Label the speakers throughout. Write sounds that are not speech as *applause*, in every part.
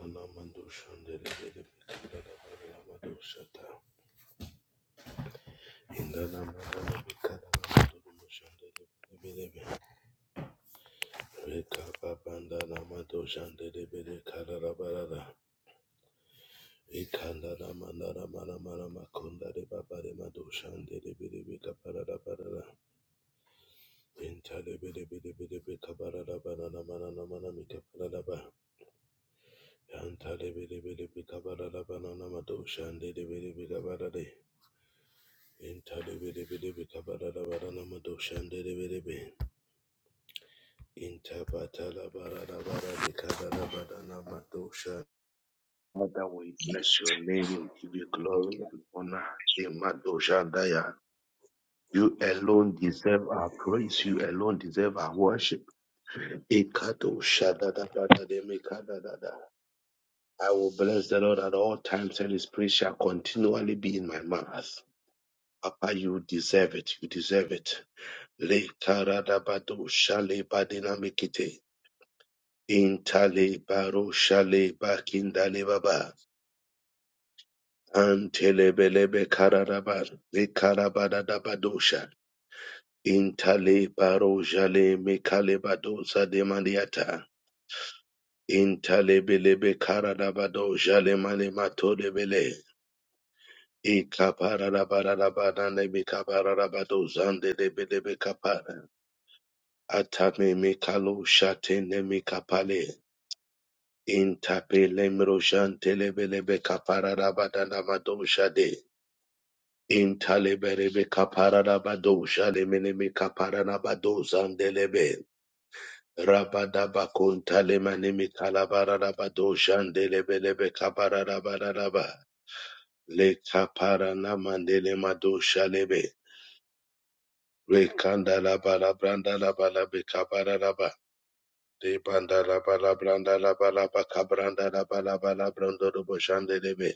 Speaker 1: Anamando Shandele Madoshata Indana Madana Bikana Maduru Shandele Bilebe Reka Babanda Namado Shandele Bele Karabarada Ikanda Namana Mana Mana Makunda de Babare Mado Shandele Bilebe Kaparada Barada Intale Bele Bele Bele Bekabarada Banana Mana Mana Mikaparada Yantale Bele Bele Bekabarada Banana Mado Shandele Bele Bekabarade Father, we bless your name, we give you glory and honor. Imadoshandaya. You alone deserve our praise, you alone deserve our worship. Ikadoshadadabadademikadadada. I will bless the Lord at all times, and his praise shall continually be in my mouth. Papa, you deserve it. You deserve it. Le taradabado shale badinamikite. Intale baro shale bakindale baba. Antelebelebe kararaban. Le karabadadabadosha. Intale baro jale mekale badosa de maniata. Intalebelebe karadabado jale male mato de bele. Ikapararabarabana ne mekabarabado zande de belebe kapara. Atame mekalo shate ne mekapale. Intapelemro shantelebelebe kapararabadanabadoshade. Intaleberebe kapararabadoshalemeneme kaparanabadozandelebe. Rabadabakuntalemaneme kalabararabadoshandelebelebe kapararabararaba. Lekaparanamandelemadoshalebe. Rekandalabalabrandalabalabe kapararaba. Debandalabalabrandalabalaba kabrandalabalabalabrandorodoboshandelebe.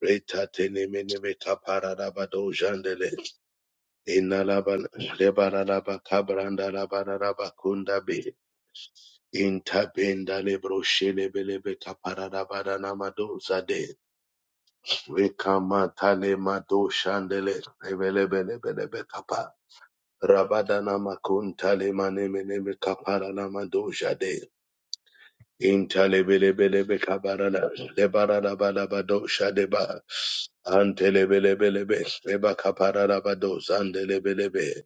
Speaker 1: Reta tenemene kapara rabado jandele inalaba lebara raba kabranda rabara raba kunda be intabenda lebro shele belebe kapara rabara namado zade vekama tale mado shandele ebelebe lebelebe kapa rabada namakunta le mane mene kapara namado jade Intelebelebelebe kabarana, lebarana balabado shadeba, antelebelebelebe, leba kaparana bado zandelebelebe,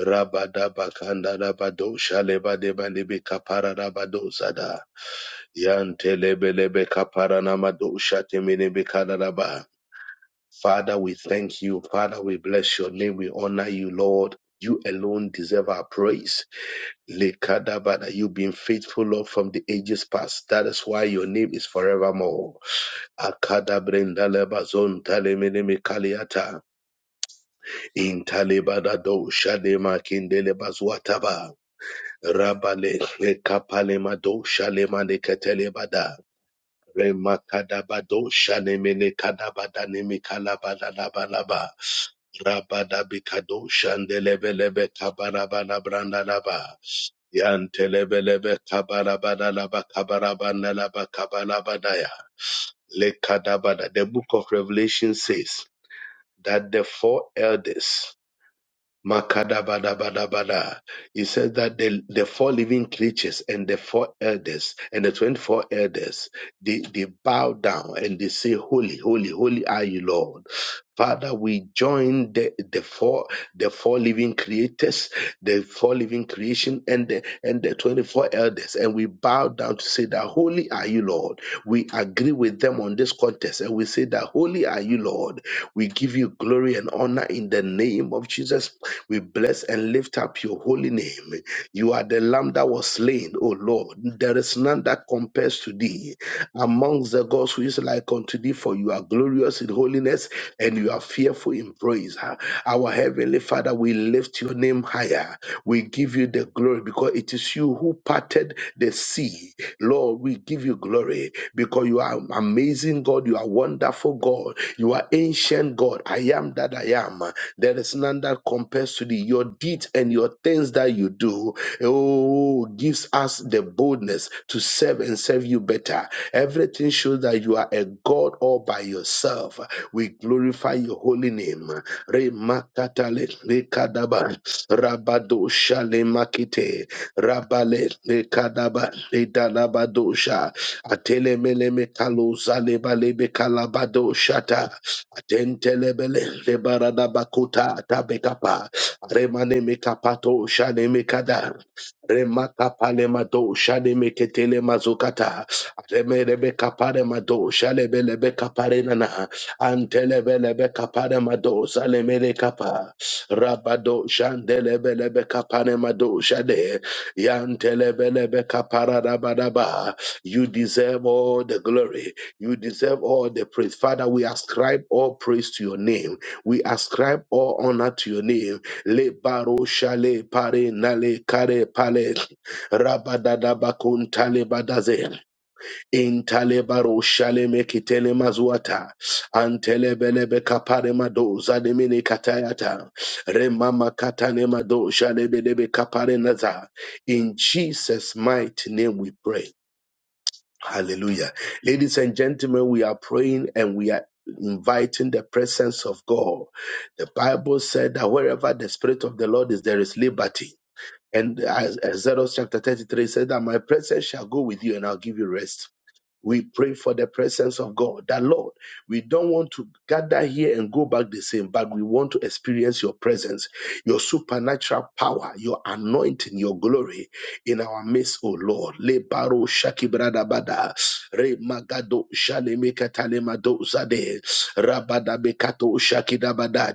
Speaker 1: rabada bakanda rabado shaleba deba libi kaparana bado zada, yantelebelebe kaparana mado shatemini bikarana ba. Father, we thank you. Father, we bless your name. We honor you, Lord. You alone deserve our praise. Lekadabada, You've been faithful, Lord, from the ages past. That is why your name is forevermore. Akadabrendalebazon talemenemekaliata. Intalebadado shademakindelebazwataba. Rabale lekapalemado shalemanekatelebada. Remakadabado shanemenekadabadanemekalabalabalabalaba. Rabadabikado shandelebelebe kabarabalabrandalaba. Yantelebelebe kabarabadalaba kabarabanalaba kabalabadaya lekadabada. The book of Revelation says that the four elders Makadabadabadabada. He said that the, the four living creatures and the four elders and the 24 elders, they, they bow down and they say, Holy, holy, holy are you, Lord. Father, we join the, the four the four living creators, the four living creation, and the and the 24 elders, and we bow down to say that holy are you, Lord. We agree with them on this contest, and we say that holy are you, Lord. We give you glory and honor in the name of Jesus. We bless and lift up your holy name. You are the lamb that was slain, O Lord. There is none that compares to thee amongst the gods who is like unto thee, for you are glorious in holiness and you are fearful in praise. Ah, Our Heavenly Father, we lift your name higher. We give you the glory because it is you who parted the sea. Lord, we give you glory because you are amazing God. You are wonderful God. You are ancient God. I am that that I am. There is none that compares to thee. Your deeds and your things that you do, oh, gives us the boldness to serve and serve you better. Everything shows that you are a God all by yourself. We glorify your holy name. Remakatale lekadaba rabado shale makite rabale lekadaba ledalabadosha Atelemeleme kalusa lebalebe kalabado shata. Atentelebele lebarada bakuta tabekapa. Remane mekapato shane mekada. Remakapale mado shane meketele mazukata. Remerebe kapare mado shalebelebe kapare nana. Antelebelebe kapare mado salemele kapa. Rabado shandelebelebe kapare mado shade. Yantelebelebe kapara rabadaba. You deserve all the glory. You deserve all the praise. Father, we ascribe all praise to your name. We ascribe all honor to your name. Le baro shale pare nale kare pale rabadada bakun tale badaze shale mekitele mazuata antele kapare mado zademine katayata remama katane mado shale belebe kapare naza. In Jesus' mighty name we pray. Hallelujah. Ladies and gentlemen, we are praying and we are inviting the presence of God. The Bible said that wherever the Spirit of the Lord is, there is liberty. And as Exodus chapter 33 said that my presence shall go with you and I'll give you rest. We pray for the presence of God. That Lord, we don't want to gather here and go back the same, but we want to experience your presence, your supernatural power, your anointing, your glory in our midst, O Lord. Le baro shaki bada, re magado shale mekatale zade, rabada bekato shaki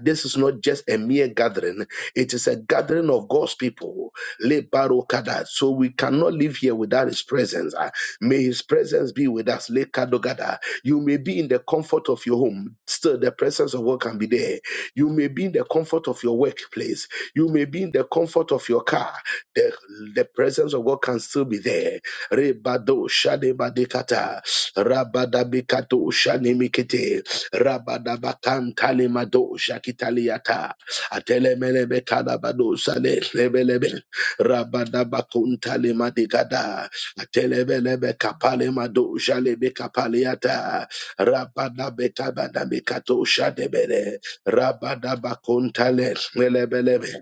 Speaker 1: This is not just a mere gathering; it is a gathering of God's people. Le baro kada. So we cannot live here without His presence. May his presence be with us. Lekadogada. You may be in the comfort of your home. Still, the presence of God can be there. You may be in the comfort of your workplace. You may be in the comfort of your car. The, the presence of God can still be there. Rebado shadebadekata. Rabadabikato shanemikete. Rabadabakan talemado shakitaliata. Atelemelebekadabado salehlebelebe. Rabadabakun talemadekada. Telebelebe kapale mado jalebe kapaleata. Rabada betabada bekato shadebele. Rabada bakontale melebelebe.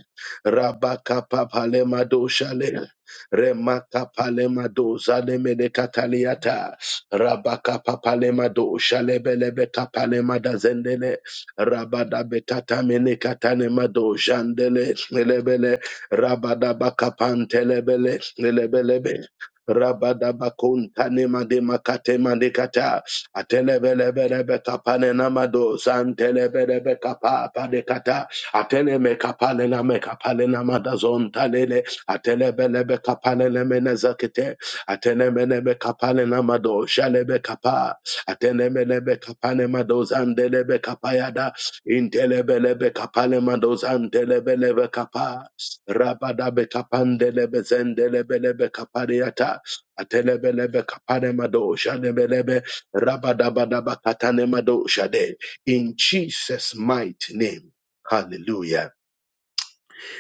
Speaker 1: Rabaka papale mado shale. Remaka palema do zaleme de kataliata. Rabaka papalema do shalebelebe kapalema da zendele. Rabada betata mene katane mado jandele melebele. Rabada bakapantelebele melebelebe. Rabadabakuntanema de makatema de kata. Atelebelebelebe kapane namado. Santelebelebe kapapa de kata. Ateleme kapale name kapale namada zontalele. Atelebelebe kapale lemene zakete. Atenemenebe kapale namado. Shalebe kapa. Atenemenebe kapane mado zandelebe kapayada. Intelebelebe kapale mado zandelebelebe kapa. Rabadabe kapandelebe zendelebelebe kapariata. Atelebelebe kapanemado shadebelebe rabadabadaba katanemado shade. In Jesus' mighty name. Hallelujah.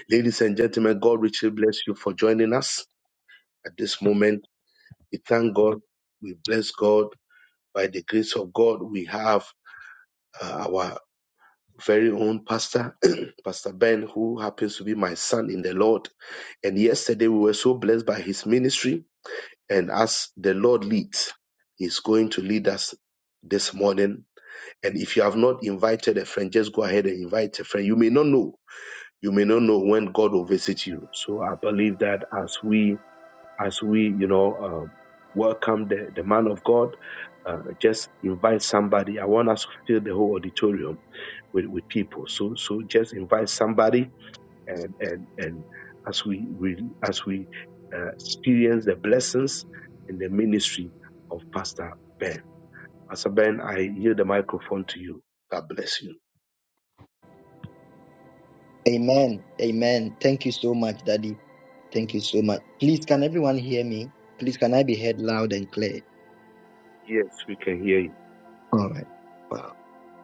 Speaker 1: Ladies and gentlemen, God richly bless you for joining us at this moment. We thank God. We bless God. By the grace of God, we have uh, our very own pastor, *clears throat* Pastor Ben, who happens to be my son in the Lord. And yesterday we were so blessed by his ministry And as the Lord leads, He's going to lead us this morning. And if you have not invited a friend, just go ahead and invite a friend. You may not know. You may not know when God will visit you. So I believe that as we, as we, you know, um, welcome the, the man of God, uh, just invite somebody. I want us to fill the whole auditorium with, with people. So, so just invite somebody and and and as we, we as we uh, experience the blessings in the ministry of Pastor Ben. Pastor Ben, I yield the microphone to you. God bless you.
Speaker 2: Amen. Amen. Thank you so much, Daddy. Thank you so much. Please, can everyone hear me? Please, can I be heard loud and clear?
Speaker 1: Yes, we can hear you.
Speaker 2: All right. Wow.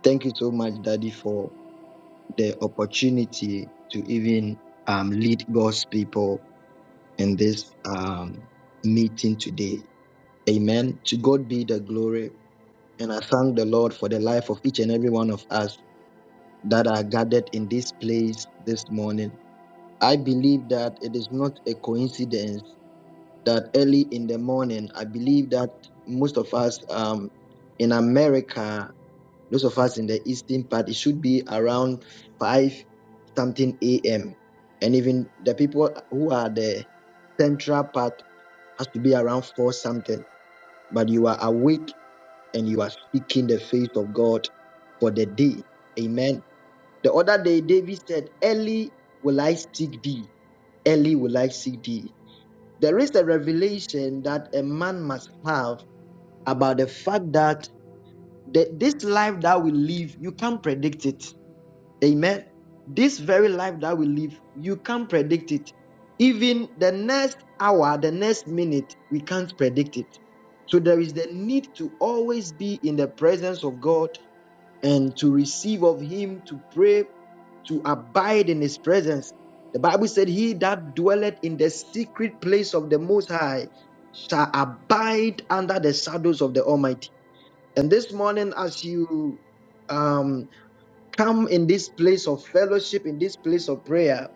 Speaker 2: Thank you so much, Daddy, for the opportunity to even um, lead God's people in this um, meeting today. Amen. To God be the glory. And I thank the Lord for the life of each and every one of us that are gathered in this place this morning. I believe that it is not a coincidence that early in the morning. I believe that most of us um, in America, those of us in the eastern part, it should be around 5 something a.m. And even the people who are the central part has to be around 4 something. But you are awake and you are seeking the face of God for the day. Amen. The other day, David said, Early will I seek thee. Early will I seek thee. There is a revelation that a man must have about the fact that the, this life that we live, you can't predict it. Amen. This very life that we live, you can't predict it. Even the next hour, the next minute, we can't predict it. So there is the need to always be in the presence of God and to receive of him, to pray, to abide in his presence. The Bible said, He that dwelleth in the secret place of the Most High shall abide under the shadows of the Almighty. And this morning, as you um, come in this place of fellowship, in this place of prayer,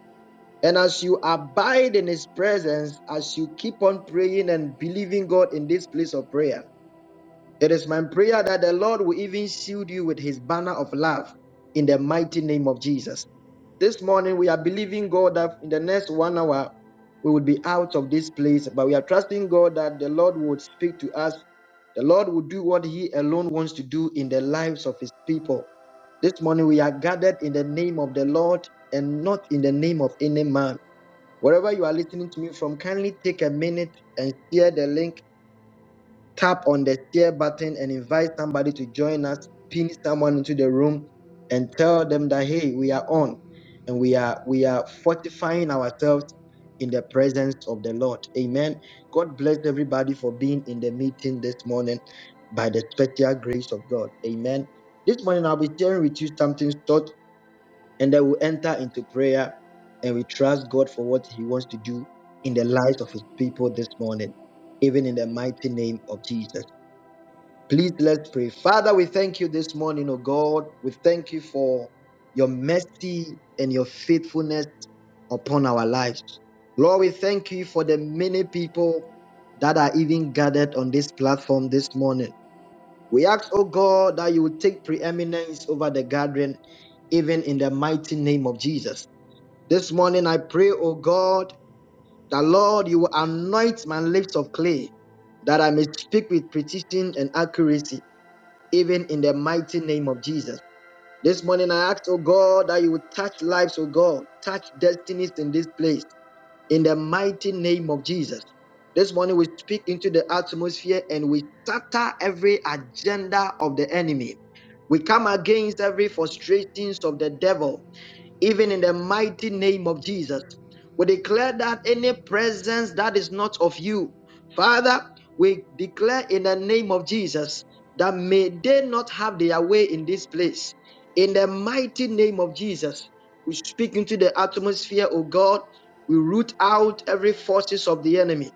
Speaker 2: and as you abide in His presence, as you keep on praying and believing God in this place of prayer, it is my prayer that the Lord will even shield you with his banner of love in the mighty name of Jesus. This morning, we are believing God that in the next one hour, we will be out of this place, but we are trusting God that the Lord would speak to us. The Lord will do what he alone wants to do in the lives of his people. This morning, we are gathered in the name of the Lord and not in the name of any man. Wherever you are listening to me from, kindly take a minute and share the link tap on the share button and invite somebody to join us, pin someone into the room and tell them that hey, we are on and we are we are fortifying ourselves in the presence of the Lord. Amen. God bless everybody for being in the meeting this morning by the special grace of God. Amen. This morning I'll be sharing with you something short and then we'll enter into prayer and we trust God for what he wants to do in the lives of his people this morning even in the mighty name of Jesus. Please let's pray. Father, we thank you this morning, oh God. We thank you for your mercy and your faithfulness upon our lives. Lord, we thank you for the many people that are even gathered on this platform this morning. We ask, oh God, that you will take preeminence over the gathering, even in the mighty name of Jesus. This morning I pray, oh God, that Lord, you will anoint my lips of clay, that I may speak with precision and accuracy even in the mighty name of Jesus. This morning I ask, oh God, that you would touch lives, oh God, touch destinies in this place, in the mighty name of Jesus. This morning we speak into the atmosphere and we shatter every agenda of the enemy. We come against every frustrations of the devil even in the mighty name of Jesus. We declare that any presence that is not of you, Father, we declare in the name of Jesus that may they not have their way in this place. In the mighty name of Jesus, we speak into the atmosphere, O God. We root out every forces of the enemy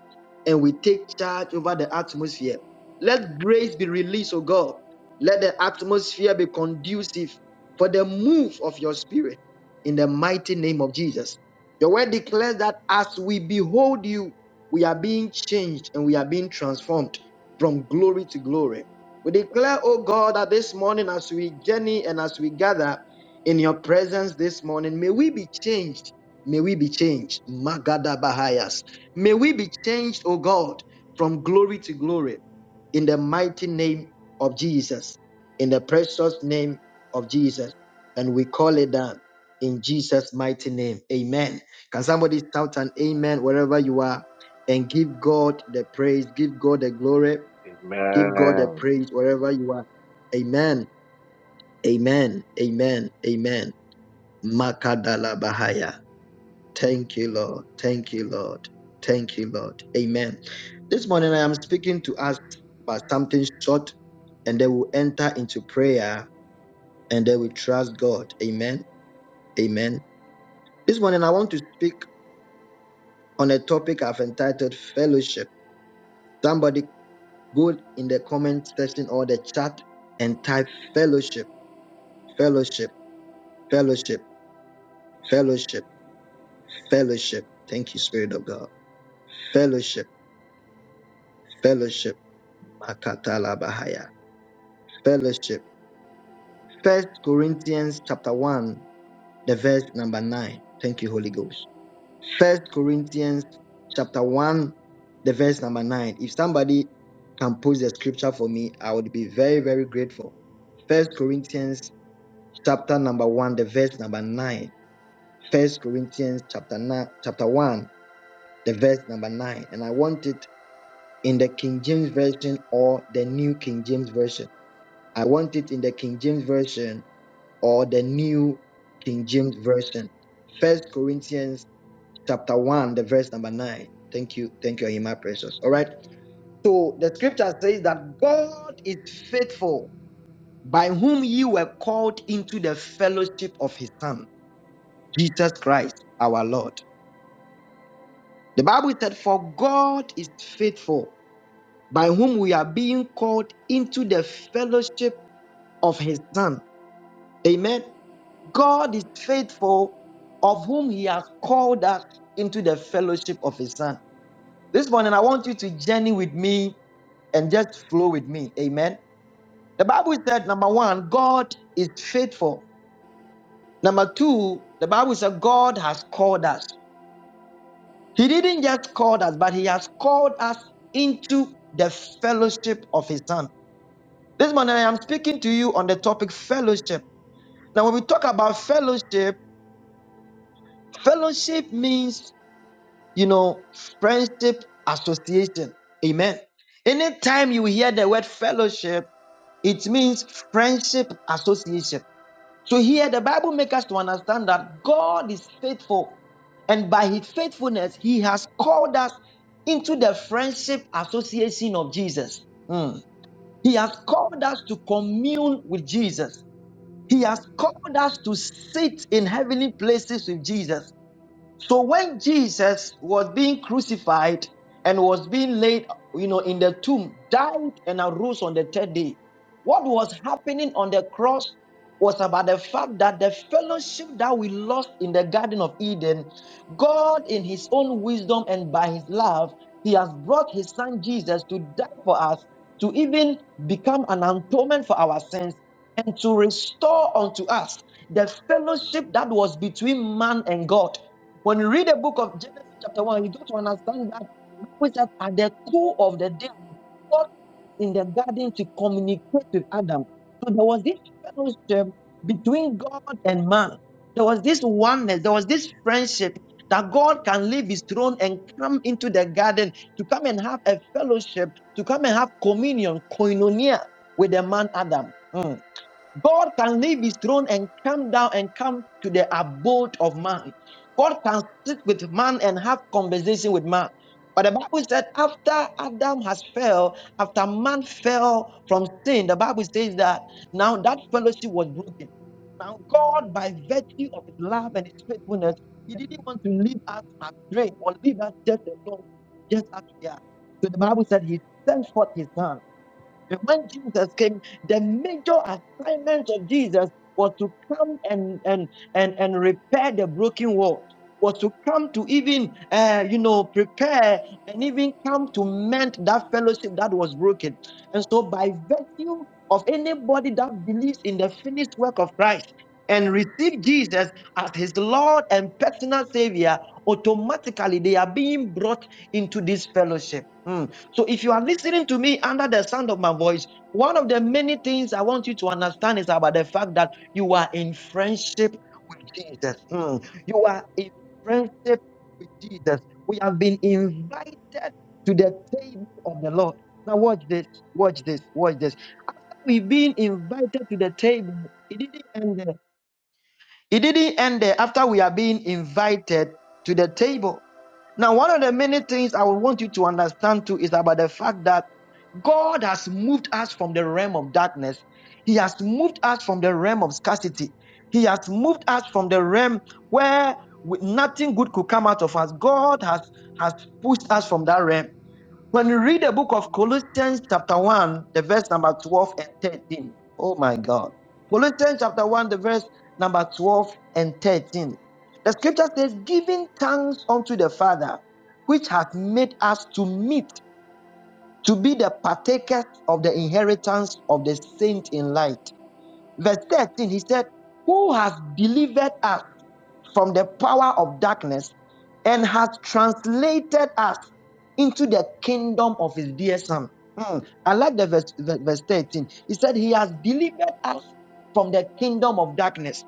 Speaker 2: and we take charge over the atmosphere. Let grace be released, O God. Let the atmosphere be conducive for the move of your spirit in the mighty name of Jesus. Your word declares that as we behold you, we are being changed and we are being transformed from glory to glory. We declare, oh God, that this morning as we journey and as we gather in your presence this morning, may we be changed. May we be changed. Magada Bahayas. May we be changed, oh God, from glory to glory in the mighty name of Jesus, in the precious name of Jesus. And we call it down in Jesus' mighty name. Amen. Can somebody shout an amen wherever you are and give God the praise, give God the glory, give God the
Speaker 1: Amen.
Speaker 2: praise wherever you are. Amen. Amen. Amen. Amen. Makadala Bahaya. Thank you, Lord. Thank you, Lord. Thank you, Lord. Amen. This morning I am speaking to us about something short, and then we'll enter into prayer and then we trust God. Amen. Amen. This morning I want to speak. on a topic I've entitled Fellowship. Somebody go in the comment section or the chat and type fellowship, fellowship, fellowship, fellowship, fellowship. Thank you, Spirit of God. Fellowship, fellowship, Makatala Bahaya. Fellowship. First Corinthians chapter 1, the verse number 9. Thank you, Holy Ghost. First Corinthians chapter 1, the verse number 9. If somebody can post the scripture for me, I would be very, very grateful. First Corinthians chapter number 1, the verse number 9. First Corinthians chapter 9, chapter 1, the verse number 9. And I want it in the King James Version or the New King James Version. I want it in the King James Version or the New King James Version. First Corinthians chapter 1, the verse number 9. Thank you. Thank you, Ahima Precious. All right. So the scripture says that God is faithful by whom you were called into the fellowship of his Son, Jesus Christ, our Lord. The Bible said, For God is faithful by whom we are being called into the fellowship of his Son. Amen. God is faithful of whom he has called us into the fellowship of his Son. This morning, I want you to journey with me and just flow with me. Amen. The Bible said, number one, God is faithful. Number two, the Bible said God has called us. He didn't just call us, but He has called us into the fellowship of His Son. This morning, I am speaking to you on the topic fellowship. Now, when we talk about fellowship, fellowship means you know, friendship association. Amen. Anytime you hear the word fellowship, it means friendship association. So here the Bible makes us to understand that God is faithful, and by his faithfulness, he has called us into the friendship association of Jesus. Mm. He has called us to commune with Jesus. He has called us to sit in heavenly places with Jesus. So when Jesus was being crucified and was being laid, you know, in the tomb, died and arose on the third day, what was happening on the cross was about the fact that the fellowship that we lost in the Garden of Eden, God in his own wisdom and by his love, he has brought his son Jesus to die for us, to even become an atonement for our sins and to restore unto us the fellowship that was between man and God. When you read the book of Genesis chapter 1, you got to understand that which that at the core of the day, God in the garden to communicate with Adam. So there was this fellowship between God and man. There was this oneness, there was this friendship that God can leave his throne and come into the garden to come and have a fellowship, to come and have communion, koinonia with the man Adam. Mm. God can leave his throne and come down and come to the abode of man. God can sit with man and have conversation with man. But the Bible said after Adam has fell, after man fell from sin, the Bible says that now that fellowship was broken. Now God, by virtue of his love and his faithfulness, he didn't want to leave us astray or leave us just alone, just as we are. So the Bible said he sent forth his son when Jesus came, the major assignment of Jesus was to come and and and, and repair the broken wall was to come to even, uh, you know, prepare and even come to mend that fellowship that was broken. And so, by virtue of anybody that believes in the finished work of Christ and receive Jesus as his Lord and personal Savior, automatically they are being brought into this fellowship. Hmm. So, if you are listening to me under the sound of my voice, one of the many things I want you to understand is about the fact that you are in friendship with Jesus. Hmm. You are in friendship with Jesus. We have been invited to the table of the Lord. Now, watch this, watch this, watch this. We've been invited to the table. It didn't end there. It didn't end there. After we are being invited to the table, now, one of the many things I would want you to understand too is about the fact that God has moved us from the realm of darkness. He has moved us from the realm of scarcity. He has moved us from the realm where we- nothing good could come out of us. God has, has pushed us from that realm. When you read the book of Colossians, chapter 1, the verse number 12 and 13, oh my God. Colossians, chapter 1, the verse number 12 and 13. The scripture says, Giving thanks unto the Father, which hath made us to meet, to be the partakers of the inheritance of the saints in light. Verse 13, he said, Who has delivered us from the power of darkness and has translated us into the kingdom of his dear son. Hmm, I like the verse, verse 13. He said, He has delivered us from the kingdom of darkness.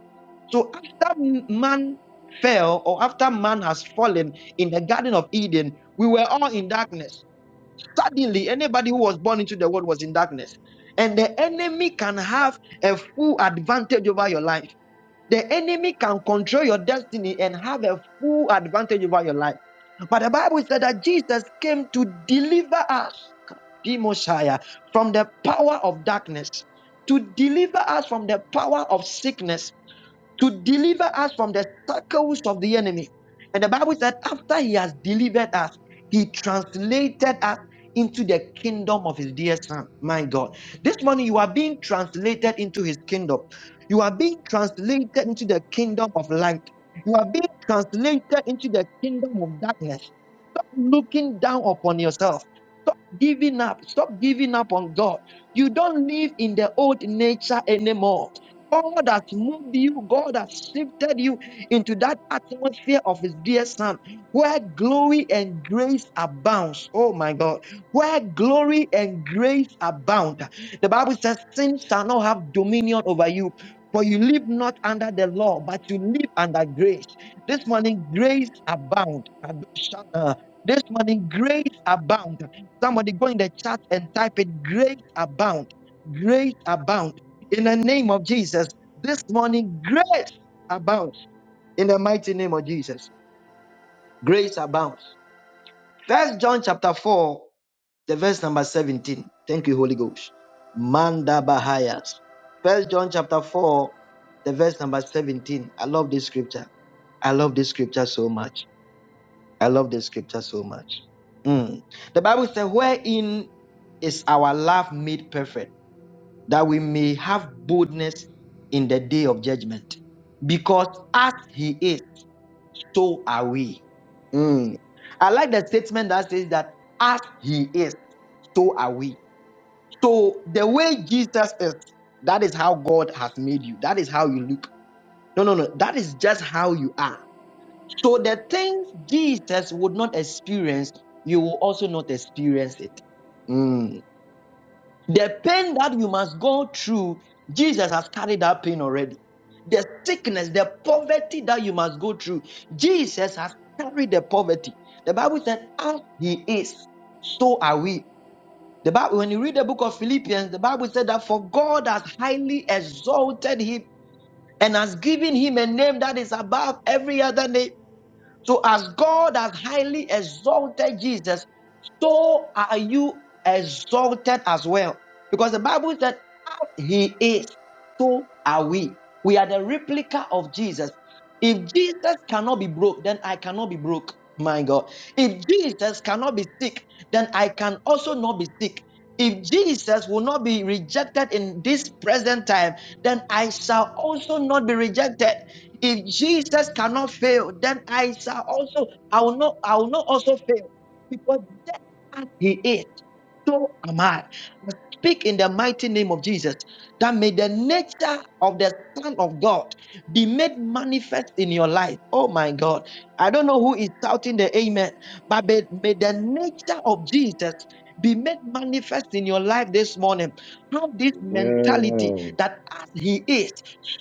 Speaker 2: So after man fell, or after man has fallen in the Garden of Eden, we were all in darkness. Suddenly, anybody who was born into the world was in darkness. And the enemy can have a full advantage over your life. The enemy can control your destiny and have a full advantage over your life. But the Bible said that Jesus came to deliver us, the Messiah, from the power of darkness, to deliver us from the power of sickness, to deliver us from the circles of the enemy. And the Bible said, after he has delivered us, he translated us into the kingdom of his dear son. My God. This morning, you are being translated into his kingdom. You are being translated into the kingdom of light. You are being translated into the kingdom of darkness. Stop looking down upon yourself. Stop giving up. Stop giving up on God. You don't live in the old nature anymore. God has moved you, God has shifted you into that atmosphere of His dear Son, where glory and grace abounds. Oh my God, where glory and grace abound. The Bible says, Sin shall not have dominion over you. For you live not under the law, but you live under grace. This morning, grace abound. Kadoshana. This morning, grace abound. Somebody go in the chat and type it, grace abound. Grace abound in the name of Jesus. This morning, grace abounds in the mighty name of Jesus. Grace abounds. First John chapter 4, the verse number 17. Thank you, Holy Ghost. Manda Bahayas. First John chapter 4, the verse number 17. I love this scripture. I love this scripture so much. I love this scripture so much. Mm. The Bible says, wherein is our love made perfect that we may have boldness in the day of judgment. Because as he is, so are we. Mm. I like the statement that says that as he is, so are we. So the way Jesus is, that is how God has made you. That is how you look. No, no, no. That is just how you are. So the things Jesus would not experience, you will also not experience it. Mm. The pain that you must go through, Jesus has carried that pain already. The sickness, the poverty that you must go through, Jesus has carried the poverty. The Bible said, as he is, so are we. The Bible, when you read the book of Philippians, the Bible said that for God has highly exalted him and has given him a name that is above every other name. So as God has highly exalted Jesus, so are you exalted as well. Because the Bible said, as he is, so are we. We are the replica of Jesus. If Jesus cannot be broke, then I cannot be broke. My God. If Jesus cannot be sick, then I can also not be sick. If Jesus will not be rejected in this present time, then I shall also not be rejected. If Jesus cannot fail, then I shall also I will not I will not also fail because death as he is so am I. I speak in the mighty name of Jesus that may the nature of the Son of God be made manifest in your life. Oh my God. I don't know who is shouting the amen, but may, may the nature of Jesus be made manifest in your life this morning. Have this mentality
Speaker 1: Amen.
Speaker 2: that as He is,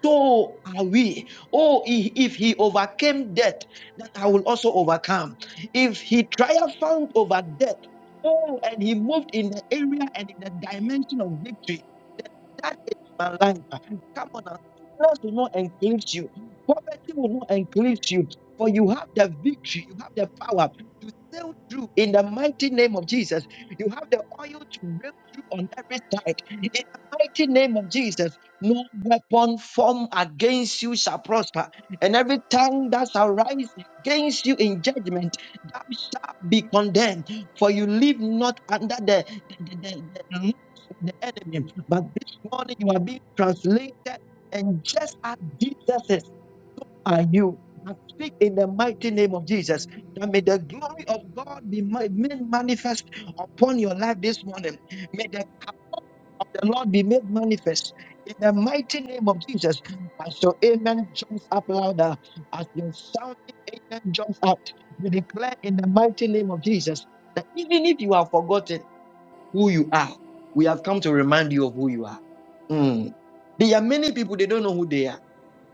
Speaker 2: so are we. Oh, i- if He overcame death, that I will also overcome. If He triumphed over death, Oh, and he moved in the area and in the dimension of victory. That is my life. Come on now. Sickness will not increase you. Poverty will not increase you. For you have the victory. You have the power to sail through in the mighty name of Jesus. You have the oil to break through on every side. In the mighty name of Jesus, no weapon formed against you shall prosper. And every tongue that shall rise against you in judgment, thou shalt be condemned. For you live not under the, the, the, the, the the enemy, but morning you are being translated, and just as Jesus is, are you. I speak in the mighty name of Jesus that may the glory of God be made manifest upon your life this morning. May the power of the Lord be made manifest in the mighty name of Jesus. As your amen jumps up louder, as your sounding amen jumps up, we declare in the mighty name of Jesus that even if you are forgotten, who you are. We have come to remind you of who you are. Mm. There are many people they don't know who they are.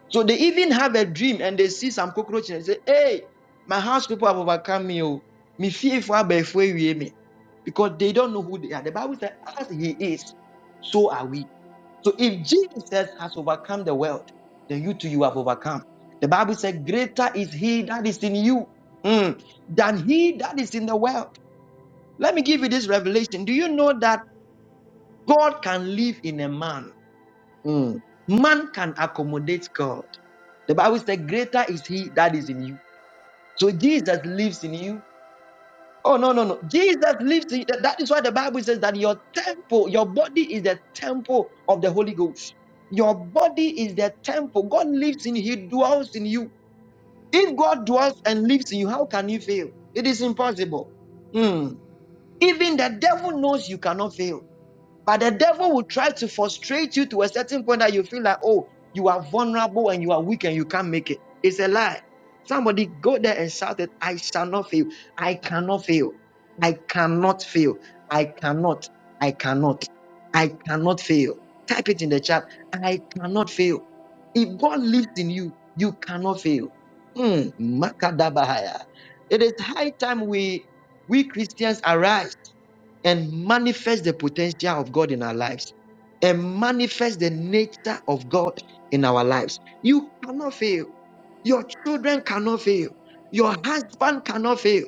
Speaker 2: So they even have a dream and they see some cockroach and say, Hey, my house people have overcome me. oh. Me fear for me. Because they don't know who they are. The Bible says, as he is, so are we. So if Jesus has overcome the world, then you too you have overcome. The Bible says, Greater is he that is in you mm, than he that is in the world. Let me give you this revelation. Do you know that? God can live in a man. Mm. Man can accommodate God. The Bible says, Greater is he that is in you. So Jesus lives in you. Oh, no, no, no. Jesus lives in you. that is why the Bible says that your temple, your body is the temple of the Holy Ghost. Your body is the temple. God lives in you, He dwells in you. If God dwells and lives in you, how can you fail? It is impossible. Hmm. Even the devil knows you cannot fail. But the devil will try to frustrate you to a certain point that you feel like, oh, you are vulnerable and you are weak and you can't make it. It's a lie. Somebody go there and shout it. I shall not fail. I cannot fail. I cannot fail. I cannot. I cannot. I cannot fail. Type it in the chat. I cannot fail. If God lives in you, you cannot fail. Hmm, makadabahaya. It is high time we we Christians arise and manifest the potential of God in our lives and manifest the nature of God in our lives. You cannot fail. Your children cannot fail. Your husband cannot fail.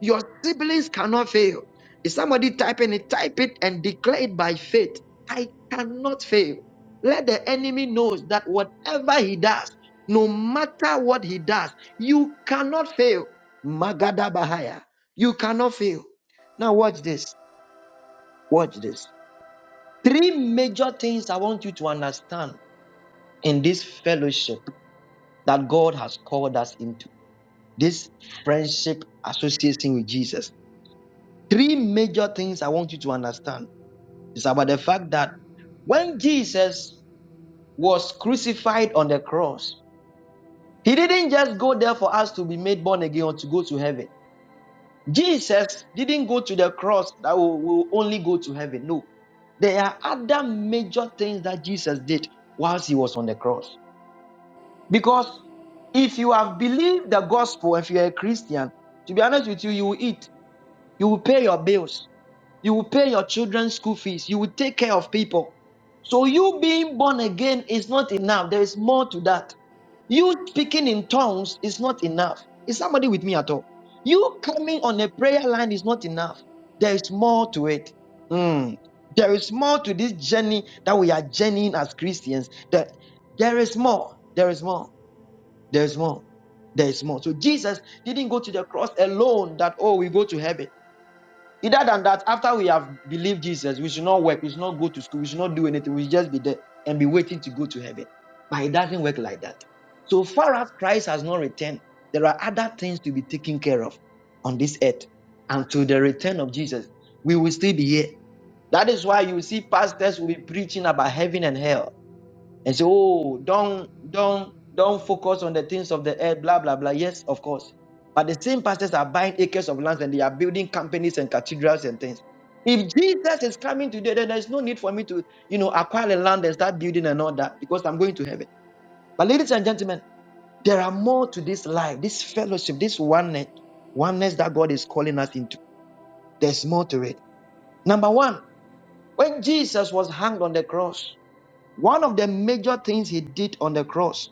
Speaker 2: Your siblings cannot fail. If somebody typing it, type it and declare it by faith. I cannot fail. Let the enemy knows that whatever he does, no matter what he does, you cannot fail. Magada Bahaya. You cannot fail. Now watch this. Watch this. Three major things I want you to understand in this fellowship that God has called us into this friendship association with Jesus. Three major things I want you to understand is about the fact that when Jesus was crucified on the cross, he didn't just go there for us to be made born again or to go to heaven. Jesus didn't go to the cross that will, will only go to heaven. No, there are other major things that Jesus did whilst he was on the cross. Because if you have believed the gospel, if you are a Christian, to be honest with you, you will eat, you will pay your bills. You will pay your children's school fees. You will take care of people. So you being born again is not enough. There is more to that. You speaking in tongues is not enough. Is somebody with me at all? You coming on a prayer line is not enough. There is more to it. Mm. There is more to this journey that we are journeying as Christians. That there is more. There is more. There is more. There is more. So Jesus didn't go to the cross alone. That oh, we go to heaven. Either than that, after we have believed Jesus, we should not work, we should not go to school, we should not do anything, we should just be there and be waiting to go to heaven. But it doesn't work like that. So far as Christ has not returned, there are other things to be taken care of on this earth. Until the return of Jesus, we will still be here. That is why you see pastors will be preaching about heaven and hell and say, "Oh, don't, don't, don't focus on the things of the earth." Blah blah blah. Yes, of course. But the same pastors are buying acres of lands and they are building companies and cathedrals and things. If Jesus is coming today, then there's no need for me to, you know, acquire the land and start building and all that because I'm going to heaven. But ladies and gentlemen, there are more to this life, this fellowship, this oneness, oneness that God is calling us into. There's more to it. Number one, when Jesus was hanged on the cross, one of the major things he did on the cross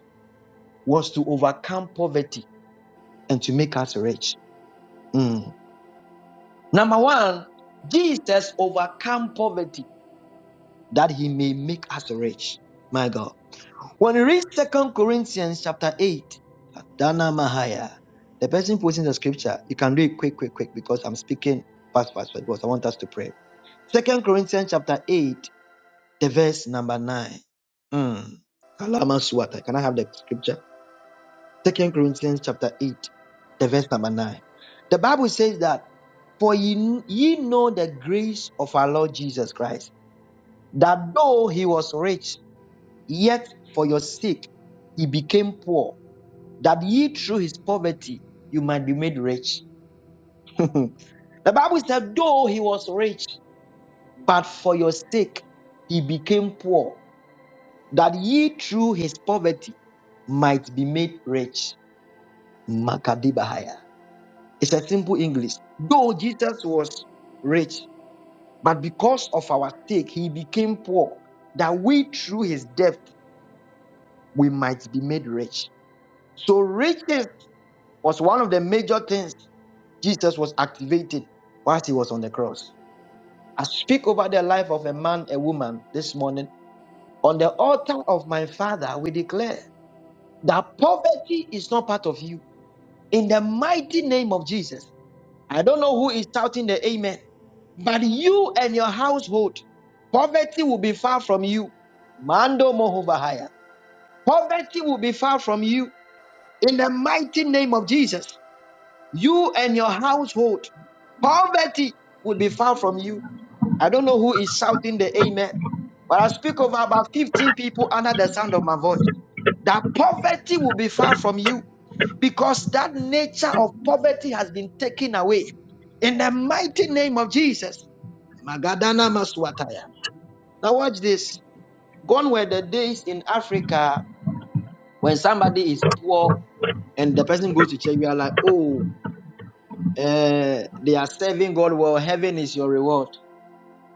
Speaker 2: was to overcome poverty and to make us rich. Mm. Number one, Jesus overcome poverty that he may make us rich. My God. When you read Second Corinthians chapter 8, Dana Mahaya, the person posting the scripture, you can read quick, quick, quick because I'm speaking fast, fast, fast because I want us to pray. Second Corinthians chapter 8, the verse number 9. Mm. Kalama Can I have the scripture? Second Corinthians chapter 8, the verse number 9. The Bible says that, For ye, ye know the grace of our Lord Jesus Christ, that though he was rich, yet for your sake he became poor, that ye through his poverty you might be made rich. *laughs* the Bible said, though he was rich, but for your sake he became poor, that ye through his poverty might be made rich. Makadibahaya. It's a simple English. Though Jesus was rich, but because of our sake, he became poor, that we through his death we might be made rich. So riches was one of the major things Jesus was activated whilst he was on the cross. I speak over the life of a man, a woman this morning. On the altar of my father, we declare that poverty is not part of you. In the mighty name of Jesus, I don't know who is shouting the amen. But you and your household, poverty will be far from you. Mando Mohobahaya. Poverty will be far from you. In the mighty name of Jesus, you and your household, poverty will be far from you. I don't know who is shouting the amen, but I speak over about 15 people under the sound of my voice. That poverty will be far from you because that nature of poverty has been taken away. In the mighty name of Jesus, Magadana Maswataya. Now, watch this. Gone were the days in Africa when somebody is poor and the person goes to church. We are like, oh, uh, they are serving God. Well, heaven is your reward.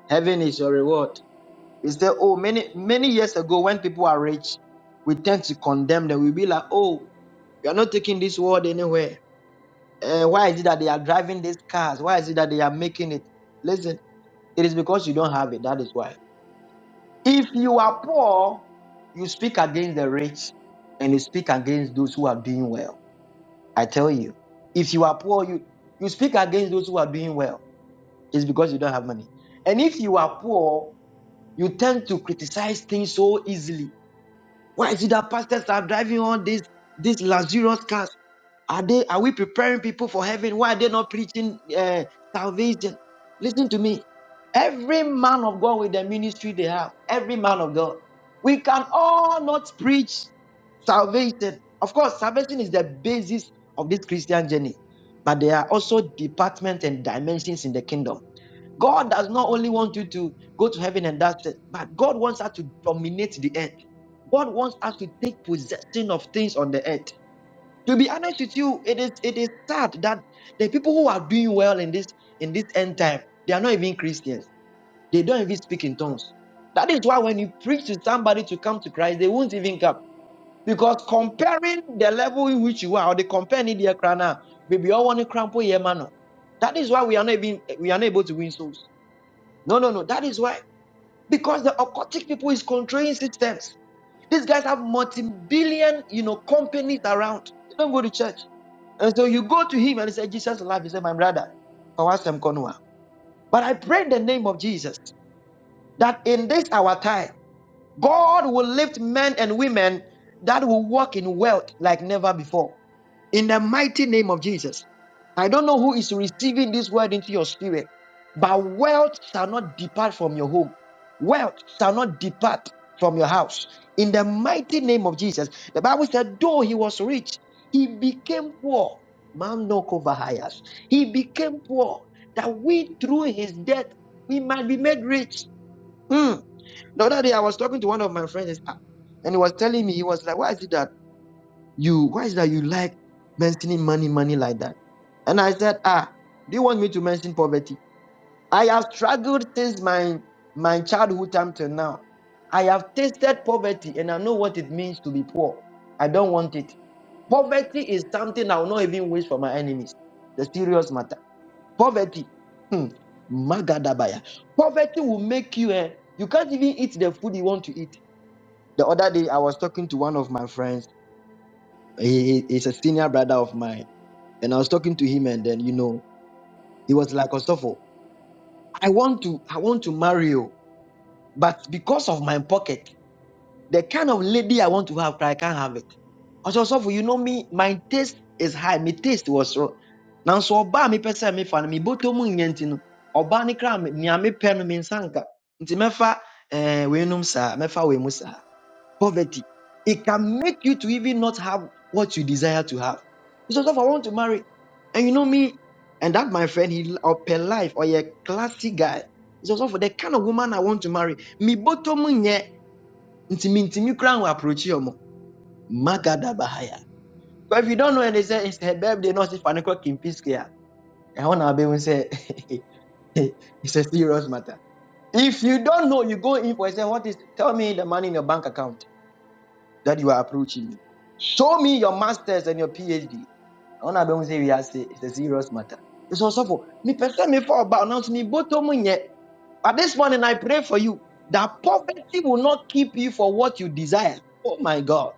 Speaker 2: Heaven is your reward. Is there, oh, many, many years ago when people are rich, we tend to condemn them. we be like, oh, you are not taking this world anywhere. Uh, why is it that they are driving these cars? Why is it that they are making it? Listen, it is because you don't have it. That is why. If you are poor, you speak against the rich and you speak against those who are doing well. I tell you, if you are poor, you, you speak against those who are doing well. It's because you don't have money. And if you are poor, you tend to criticize things so easily. Why is it that pastors are driving all these these luxurious cars? Are they? Are we preparing people for heaven? Why are they not preaching uh, salvation? Listen to me. Every man of God with the ministry they have, every man of God, we can all not preach salvation. Of course, salvation is the basis of this Christian journey, but there are also departments and dimensions in the kingdom. God does not only want you to go to heaven and that's it, but God wants us to dominate the earth. God wants us to take possession of things on the earth. To be honest with you, it is it is sad that the people who are doing well in this in this end time, they are not even Christians. They don't even speak in tongues. That is why when you preach to somebody to come to Christ, they won't even come. Because comparing the level in which you are, or the company they are now, baby, all want to crample your man. That is why we are not even we are not able to win souls. No, no, no. That is why because the occultic people is controlling systems. These guys have multi-billion, you know, companies around. They don't go to church. And so you go to him and he said, Jesus love. He said, My brother, Kawasem Konwa. But I pray in the name of Jesus that in this our time, God will lift men and women that will walk in wealth like never before in the mighty name of Jesus. I don't know who is receiving this word into your spirit, but wealth shall not depart from your home. Wealth shall not depart from your house. In the mighty name of Jesus. The Bible said, though he was rich, he became poor. Man no cover He became poor that we through his death we might be made rich. Hmm. The other day I was talking to one of my friends, and he was telling me, he was like, Why is it that? You, why is that you like mentioning money, money like that? And I said, Ah, do you want me to mention poverty? I have struggled since my my childhood time till now. I have tasted poverty and I know what it means to be poor. I don't want it. Poverty is something I will not even wish for my enemies. The serious matter. Poverty. Hmm. Magadabaya. Poverty will make you eh, you can't even eat the food you want to eat. The other day I was talking to one of my friends. He, is a senior brother of mine and I was talking to him, and then you know, he was like, Ostofo, I want to, I want to marry you, but because of my pocket, the kind of lady I want to have, I can't have it. I said, Ostofo, you know me, my taste is high. My taste was wrong. Now so oba me pesa me fan me boto mu nyenti no. Oba ne kra me nea me pɛ no me nsanka. Nti mefa eh we num sa, mefa we mu sa poverty. It can make you to even not have what you desire to have. You say, "Joseph, I want to marry. And you know me, and that my friend, he upper life or a classy guy. He says, for the kind of woman I want to marry. Me botomu nye, intimi intimi crown will approach you. omo. Magada bahaya. But if you don't know and they say it's her birthday, not if I kimpiskia. I want to be able to say *laughs* it's a serious matter. If you don't know, you go in for it, say, what is tell me the money in your bank account. that you are approaching me. Show me your masters and your PhD. say we sɛ wiase it's a serious matter. It's also for me person me for about now to me boto yet. nyɛ. But this morning I pray for you that poverty will not keep you for what you desire. Oh my God.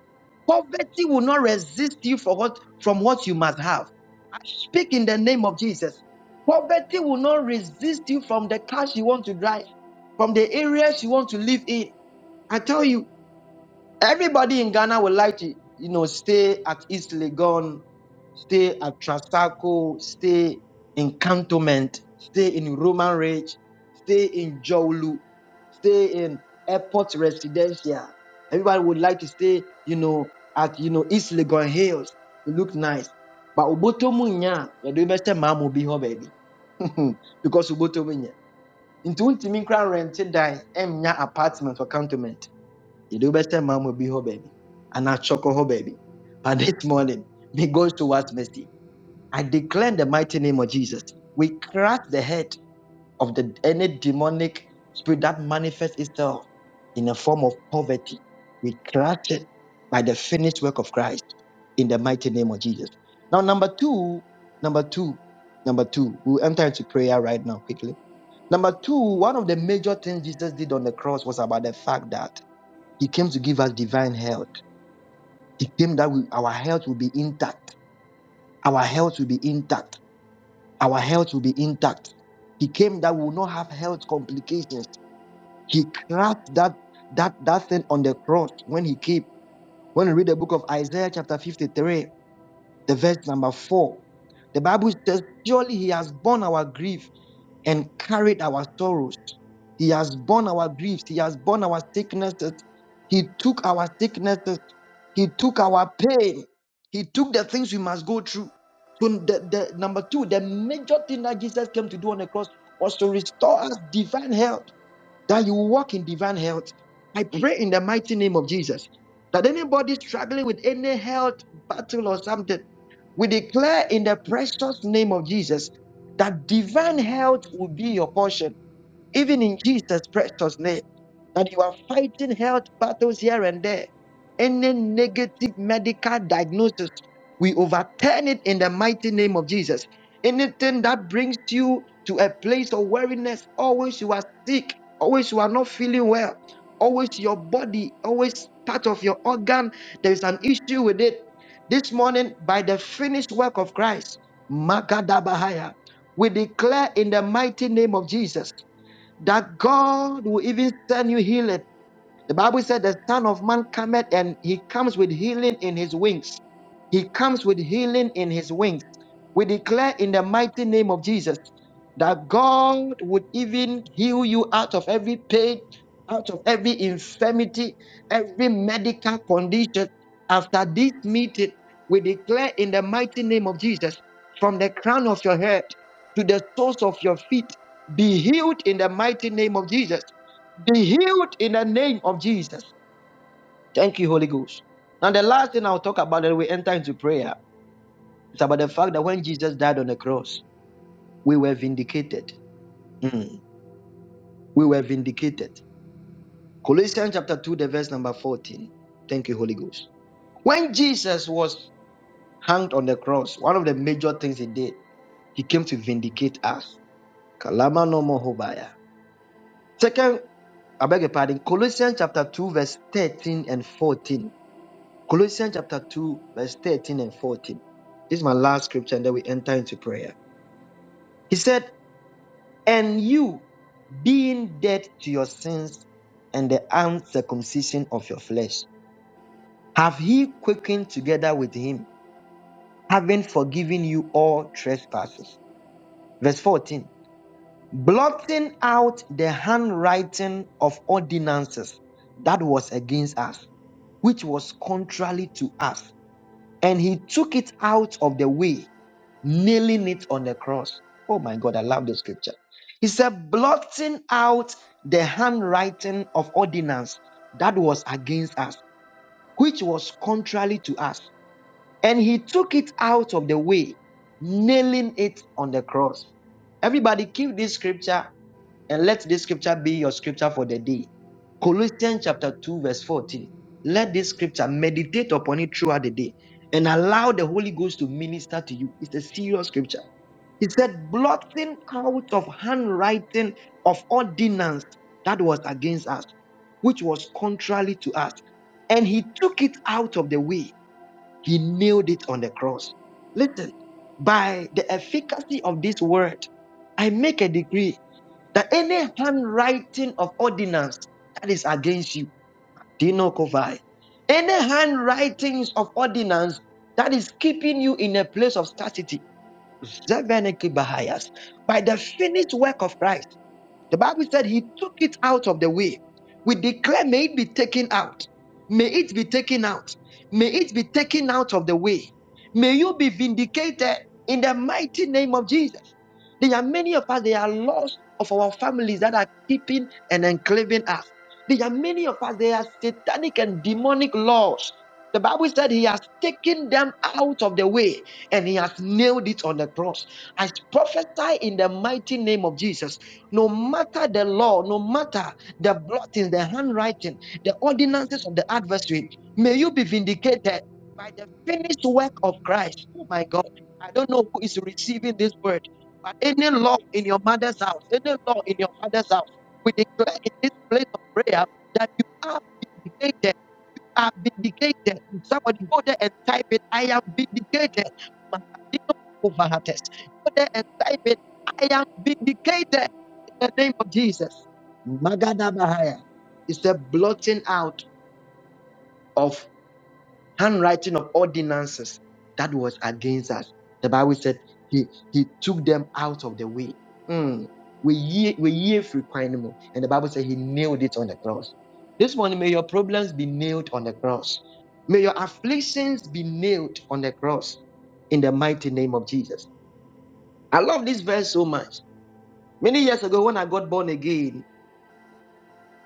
Speaker 2: Poverty will not resist you for what from what you must have. I speak in the name of Jesus. Poverty will not resist you from the cars you want to drive, from the areas you want to live in. I tell you. Everybody in Ghana would like to, you know, stay at East Legon, stay at Trasaco, stay in Cantonment, stay in Roman Ridge, stay in Jowlu, stay in Airport Residencia. Everybody would like to stay, you know, at you know East Legon Hills. It look nice. But Oboto Munya, you do best mamu be her baby. *laughs* because Oboto Munya. Into Timin Crown rented die, Mnya apartment for Cantonment. Yɛde wobɛsɛ will be bi hɔ baabi anaa kyɔkɔ hɔ baby. But this morning, may God towards mercy. I declare in the mighty name of Jesus, we crush the head of the any demonic spirit that manifests itself in a form of poverty. We crush it by the finished work of Christ in the mighty name of Jesus. Now, number two, number two, number two, we'll enter into prayer right now quickly. Number two, one of the major things Jesus did on the cross was about the fact that he came to give us divine health. He came that we, our health will be intact. Our health will be intact. Our health will be intact. He came that we will not have health complications. He cracked that that that thing on the cross when he came. When you read the book of Isaiah chapter 53, the verse number 4, the Bible says, Surely he has borne our grief and carried our sorrows. He has borne our griefs. He has borne our sicknesses. He took our sicknesses. He took our pain. He took the things we must go through. So the, the number two, the major thing that Jesus came to do on the cross was to restore us divine health that you walk in divine health. I pray in the mighty name of Jesus that anybody struggling with any health battle or something, we declare in the precious name of Jesus that divine health will be your portion even in Jesus' precious name, that you are fighting health battles here and there. Any negative medical diagnosis, we overturn it in the mighty name of Jesus. Anything that brings you to a place of weariness, always you are sick, always you are not feeling well, always your body, always part of your organ, there is an issue with it. This morning, by the finished work of Christ, Magadabahaya, we declare in the mighty name of Jesus that God will even send you healing the Bible said the Son of Man cometh and he comes with healing in his wings. He comes with healing in his wings. We declare in the mighty name of Jesus that God would even heal you out of every pain, out of every infirmity, every medical condition. After this meeting, we declare in the mighty name of Jesus from the crown of your head to the soles of your feet, be healed in the mighty name of Jesus. Be healed in the name of Jesus. Thank you, Holy Ghost. Now, the last thing I'll talk about when we enter into prayer is about the fact that when Jesus died on the cross, we were vindicated. Mm. We were vindicated. Colossians chapter 2, the verse number 14. Thank you, Holy Ghost. When Jesus was hanged on the cross, one of the major things he did, he came to vindicate us. Kalama no mo hobaya. Second, I beg your pardon, Colossians chapter 2, verse 13 and 14. Colossians chapter 2, verse 13 and 14. This is my last scripture, and then we enter into prayer. He said, And you, being dead to your sins and the uncircumcision of your flesh, have he quickened together with him, having forgiven you all trespasses. Verse 14, blotting out the handwriting of ordinances that was against us, which was contrary to us and he took it out of the way, nailing it on the cross. Oh my God, I love the scripture. He said, blotting out the handwriting of ordinance that was against us, which was contrary to us and he took it out of the way, nailing it on the cross. Everybody, keep this scripture and let this scripture be your scripture for the day. Colossians chapter 2, verse 14. Let this scripture meditate upon it throughout the day and allow the Holy Ghost to minister to you. It's a serious scripture. He said, blotting out of handwriting of ordinance that was against us, which was contrary to us. And he took it out of the way he nailed it on the cross. Listen, by the efficacy of this word, I make a decree that any handwriting of ordinance that is against you, do not cover. Any handwritings of ordinance that is keeping you in a place of scarcity, Zeveniki Bahayas, by the finished work of Christ. The Bible said he took it out of the way. We declare, may it be taken out. May it be taken out. May it be taken out of the way. May you be vindicated in the mighty name of Jesus. There are many of us, there are lost of our families that are keeping and enclaving us. There are many of us, there are satanic and demonic laws the Bible said he has taken them out of the way and he has nailed it on the cross. I prophesy in the mighty name of Jesus. No matter the law, no matter the blottings, the handwriting, the ordinances of the adversary, may you be vindicated by the finished work of Christ. Oh my God. I don't know who is receiving this word, but any law in your mother's house, any law in your father's house, we declare in this place of prayer that you are vindicated are vindicated. Somebody go there and type it. I am vindicated. Makadino kuvahates. Go there and type it. I am vindicated in the name of Jesus. Magadabahaya. It's the blotting out of handwriting of ordinances that was against us. The Bible said he, he took them out of the way. Mm. We ye we ye frequent and the Bible said he nailed it on the cross. This morning, may your problems be nailed on the cross. May your afflictions be nailed on the cross in the mighty name of Jesus. I love this verse so much. Many years ago, when I got born again,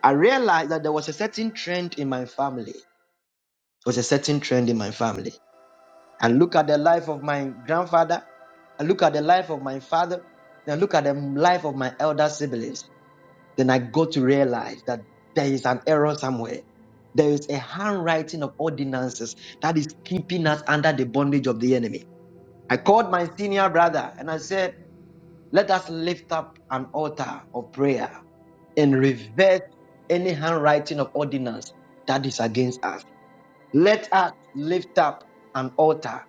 Speaker 2: I realized that there was a certain trend in my family. There was a certain trend in my family. and look at the life of my grandfather, and look at the life of my father, and look at the life of my elder siblings, then I got to realize that there is an error somewhere. There is a handwriting of ordinances that is keeping us under the bondage of the enemy. I called my senior brother and I said, Let us lift up an altar of prayer and reverse any handwriting of ordinance that is against us. Let us lift up an altar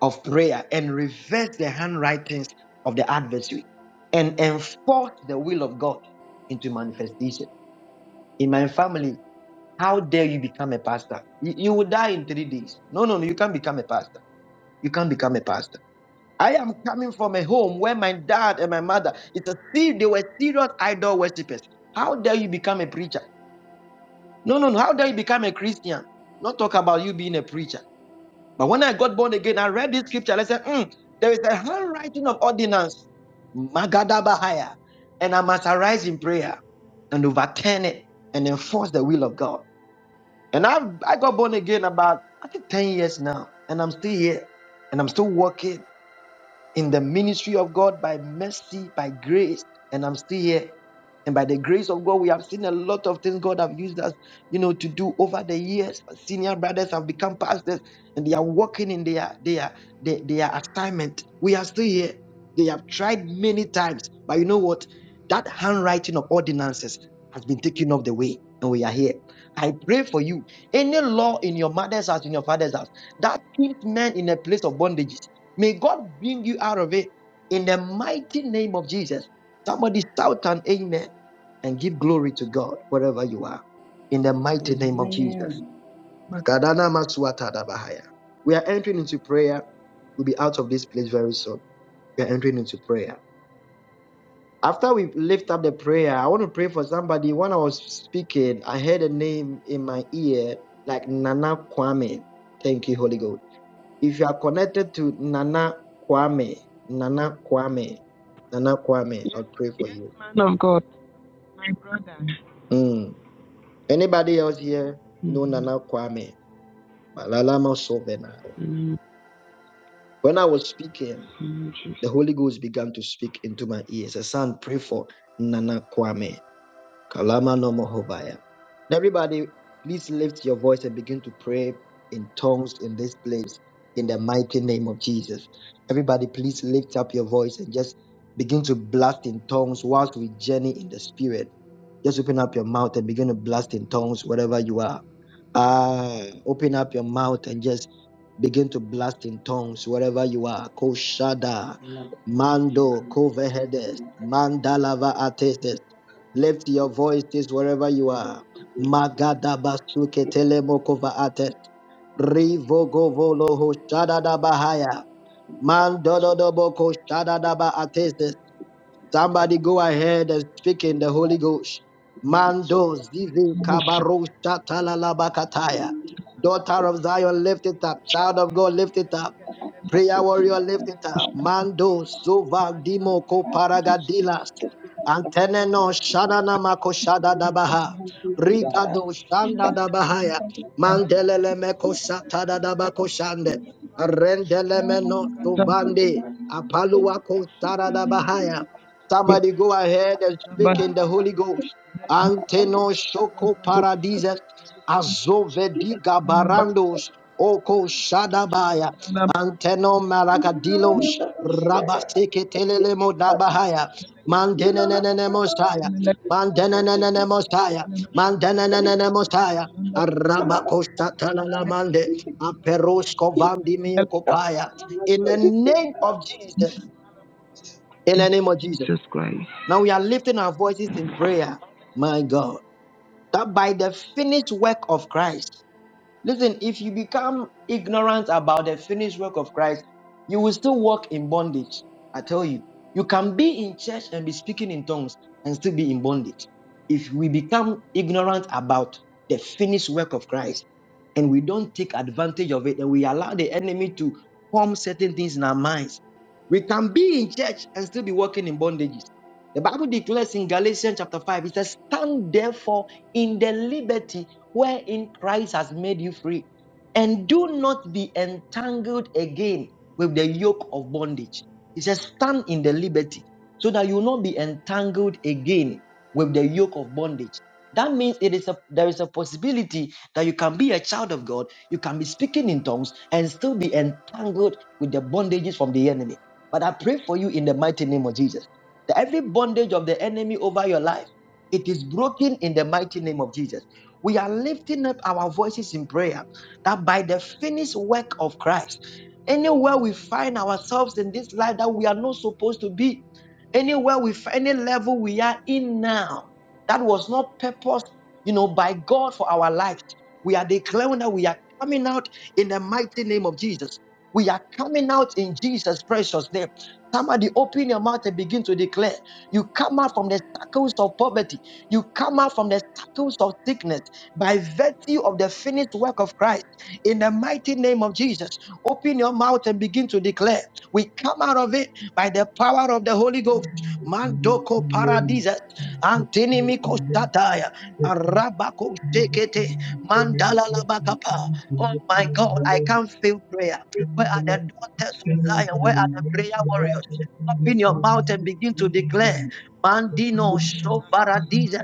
Speaker 2: of prayer and reverse the handwritings of the adversary and enforce the will of God into manifestation. In my family, how dare you become a pastor? You, you will die in three days. No, no, no, you can't become a pastor. You can't become a pastor. I am coming from a home where my dad and my mother, it's a se- they were serious idol worshippers. How dare you become a preacher? No, no, no. How dare you become a Christian? Not talk about you being a preacher. But when I got born again, I read this scripture. I said, "Hmm, there is a handwriting of ordinance, Magadabahaya, and I must arise in prayer and overturn it and enforce the will of God. And I I got born again about I think 10 years now, and I'm still here, and I'm still working in the ministry of God by mercy, by grace, and I'm still here. And by the grace of God, we have seen a lot of things God have used us, you know, to do over the years. Senior brothers have become pastors and they are working in their their their, their assignment. We are still here. They have tried many times, but you know what? That handwriting of ordinances has been taken off the way, and we are here. I pray for you. Any law in your mother's house, in your father's house, that keeps men in a place of bondages, may God bring you out of it in the mighty name of Jesus. Somebody shout an amen and give glory to God wherever you are. In the mighty name of
Speaker 3: Amen.
Speaker 2: Jesus. We are entering into prayer. We'll be out of this place very soon. We are entering into prayer. After we lift up the prayer, I want to pray for somebody. When I was speaking, I heard a name in my ear like Nana Kwame. Thank you, Holy Ghost. If you are connected to Nana Kwame, Nana Kwame, Nana Kwame,
Speaker 4: Yes,
Speaker 2: I'll pray for
Speaker 4: yes,
Speaker 2: you.
Speaker 4: man of God, my brother.
Speaker 2: Mm. Anybody else here know
Speaker 4: Mm,
Speaker 2: Nana Kwame? Malalama Sovena.
Speaker 4: mm,
Speaker 2: When I was speaking,
Speaker 4: mm, Jesus.
Speaker 2: the Holy Ghost began to speak into my ears. A son, pray for Nana Kwame. Kalama no Mohovaya. Everybody, please lift your voice and begin to pray in tongues in this place in the mighty name of Jesus. Everybody, please lift up your voice and just begin to blast in tongues whilst we journey in the spirit. Just open up your mouth and begin to blast in tongues wherever you are. Ah, open up your mouth and just begin to blast in tongues wherever you are. Koshada,
Speaker 3: Lord, we pray
Speaker 2: Mando, Kovehedes, Mandalava Atestes. Lift your voices wherever you are. Magadabasuke telemokova atet. Rivogovolo ho shadadabahaya. Mandododobo ko shadadaba ateses. Somebody go ahead and speak in the
Speaker 3: over
Speaker 2: Holy Ghost.
Speaker 3: every soul
Speaker 2: Mando zizi
Speaker 4: Musha.
Speaker 2: kabaro
Speaker 3: who
Speaker 2: shatalalabakataya.
Speaker 3: will live and our
Speaker 2: Daughter
Speaker 3: soul
Speaker 2: of Zion, lift it up. Child of God, lift it up.
Speaker 3: that I have
Speaker 2: Prayer
Speaker 3: put in
Speaker 2: warrior,
Speaker 3: my
Speaker 2: lift
Speaker 3: hand,
Speaker 2: it
Speaker 3: and
Speaker 2: up.
Speaker 3: I gather my
Speaker 2: Mando sova dimo ko
Speaker 3: hand to do sleep,
Speaker 2: paragadilas.
Speaker 3: that we have
Speaker 2: Anteneno
Speaker 3: to do that,
Speaker 2: shadana mako
Speaker 3: and we
Speaker 2: shada
Speaker 3: will
Speaker 2: dabaha.
Speaker 3: that.
Speaker 2: Rigado shanda dabahaya. Mandelele meko shatada dabako shande.
Speaker 4: Ipaluanda na
Speaker 2: Rendeleme
Speaker 3: I
Speaker 2: no
Speaker 3: have to do
Speaker 2: sovande.
Speaker 3: that,
Speaker 2: Apaluwa
Speaker 4: Rebedo
Speaker 2: ko
Speaker 3: that, and have
Speaker 2: shada
Speaker 4: shanda
Speaker 3: to do
Speaker 2: dabahaya.
Speaker 3: that.
Speaker 4: lebelebelebe.
Speaker 2: Somebody go ahead and speak in the Holy
Speaker 4: badabadaba.
Speaker 2: Ghost.
Speaker 4: Reba
Speaker 2: Anteno shoko paradises
Speaker 4: Rekunduru
Speaker 3: She did
Speaker 4: musika
Speaker 2: azovediga barandos
Speaker 3: it.
Speaker 4: badabadabadaba.
Speaker 2: oko
Speaker 4: Randuru
Speaker 2: shadabaya
Speaker 4: mushanda
Speaker 2: anteno
Speaker 3: Everything that I
Speaker 2: marakadilos
Speaker 3: like and
Speaker 2: rabaseke telelemo dabahaya mandenenene mosaya mandenenene mosaya mandenenene mosaya arabako shatalala mande aperosko vandimio kopaya in the name of Jesus in the name of Jesus
Speaker 4: Jesus Christ.
Speaker 2: now we are lifting our voices in prayer, my God, that by the finished work of Christ, listen, if you become ignorant about the finished work of Christ, you will still walk in bondage. I tell you, you can be in church and be speaking in tongues and still be in bondage. If we become ignorant about the finished work of Christ and we don't take advantage of it and we allow the enemy to form certain things in our minds, we can be in church and still be walking in bondages the Bible declares in Galatians chapter 5, it says, Stand therefore in the liberty wherein Christ has made you free, and do not be entangled again with the yoke of bondage. It says, Stand in the liberty, so that you will not be entangled again with the yoke of bondage. That means it is a, there is a possibility that you can be a child of God, you can be speaking in tongues, and still be entangled with the bondages from the enemy. But I pray for you in the mighty name of Jesus the- every bondage of the enemy over your life, it is broken in the mighty name of Jesus. We are lifting up our voices in prayer that by the finished work of Christ, anywhere we find ourselves in this life that we are not supposed to be, anywhere we find any level we are in now, that was not purposed, you know, by God for our life. We are declaring that we are coming out in the mighty name of Jesus. We are coming out in Jesus' precious name. Somebody open your mouth and begin to declare. You come out from the shackles of poverty. You come out from the shackles of sickness by virtue of the finished work of Christ. In the mighty name of Jesus, open your mouth and begin to declare. We come out of it by the power of the Holy Ghost. Mandoko paradisa, antinimiko sataya, arabako sekete. Mandala Labakapa. Oh my God, I can't feel prayer. Where are the daughters of Zion? Where are the prayer warriors? Open your mouth and begin to declare. Mandino Shovaradises.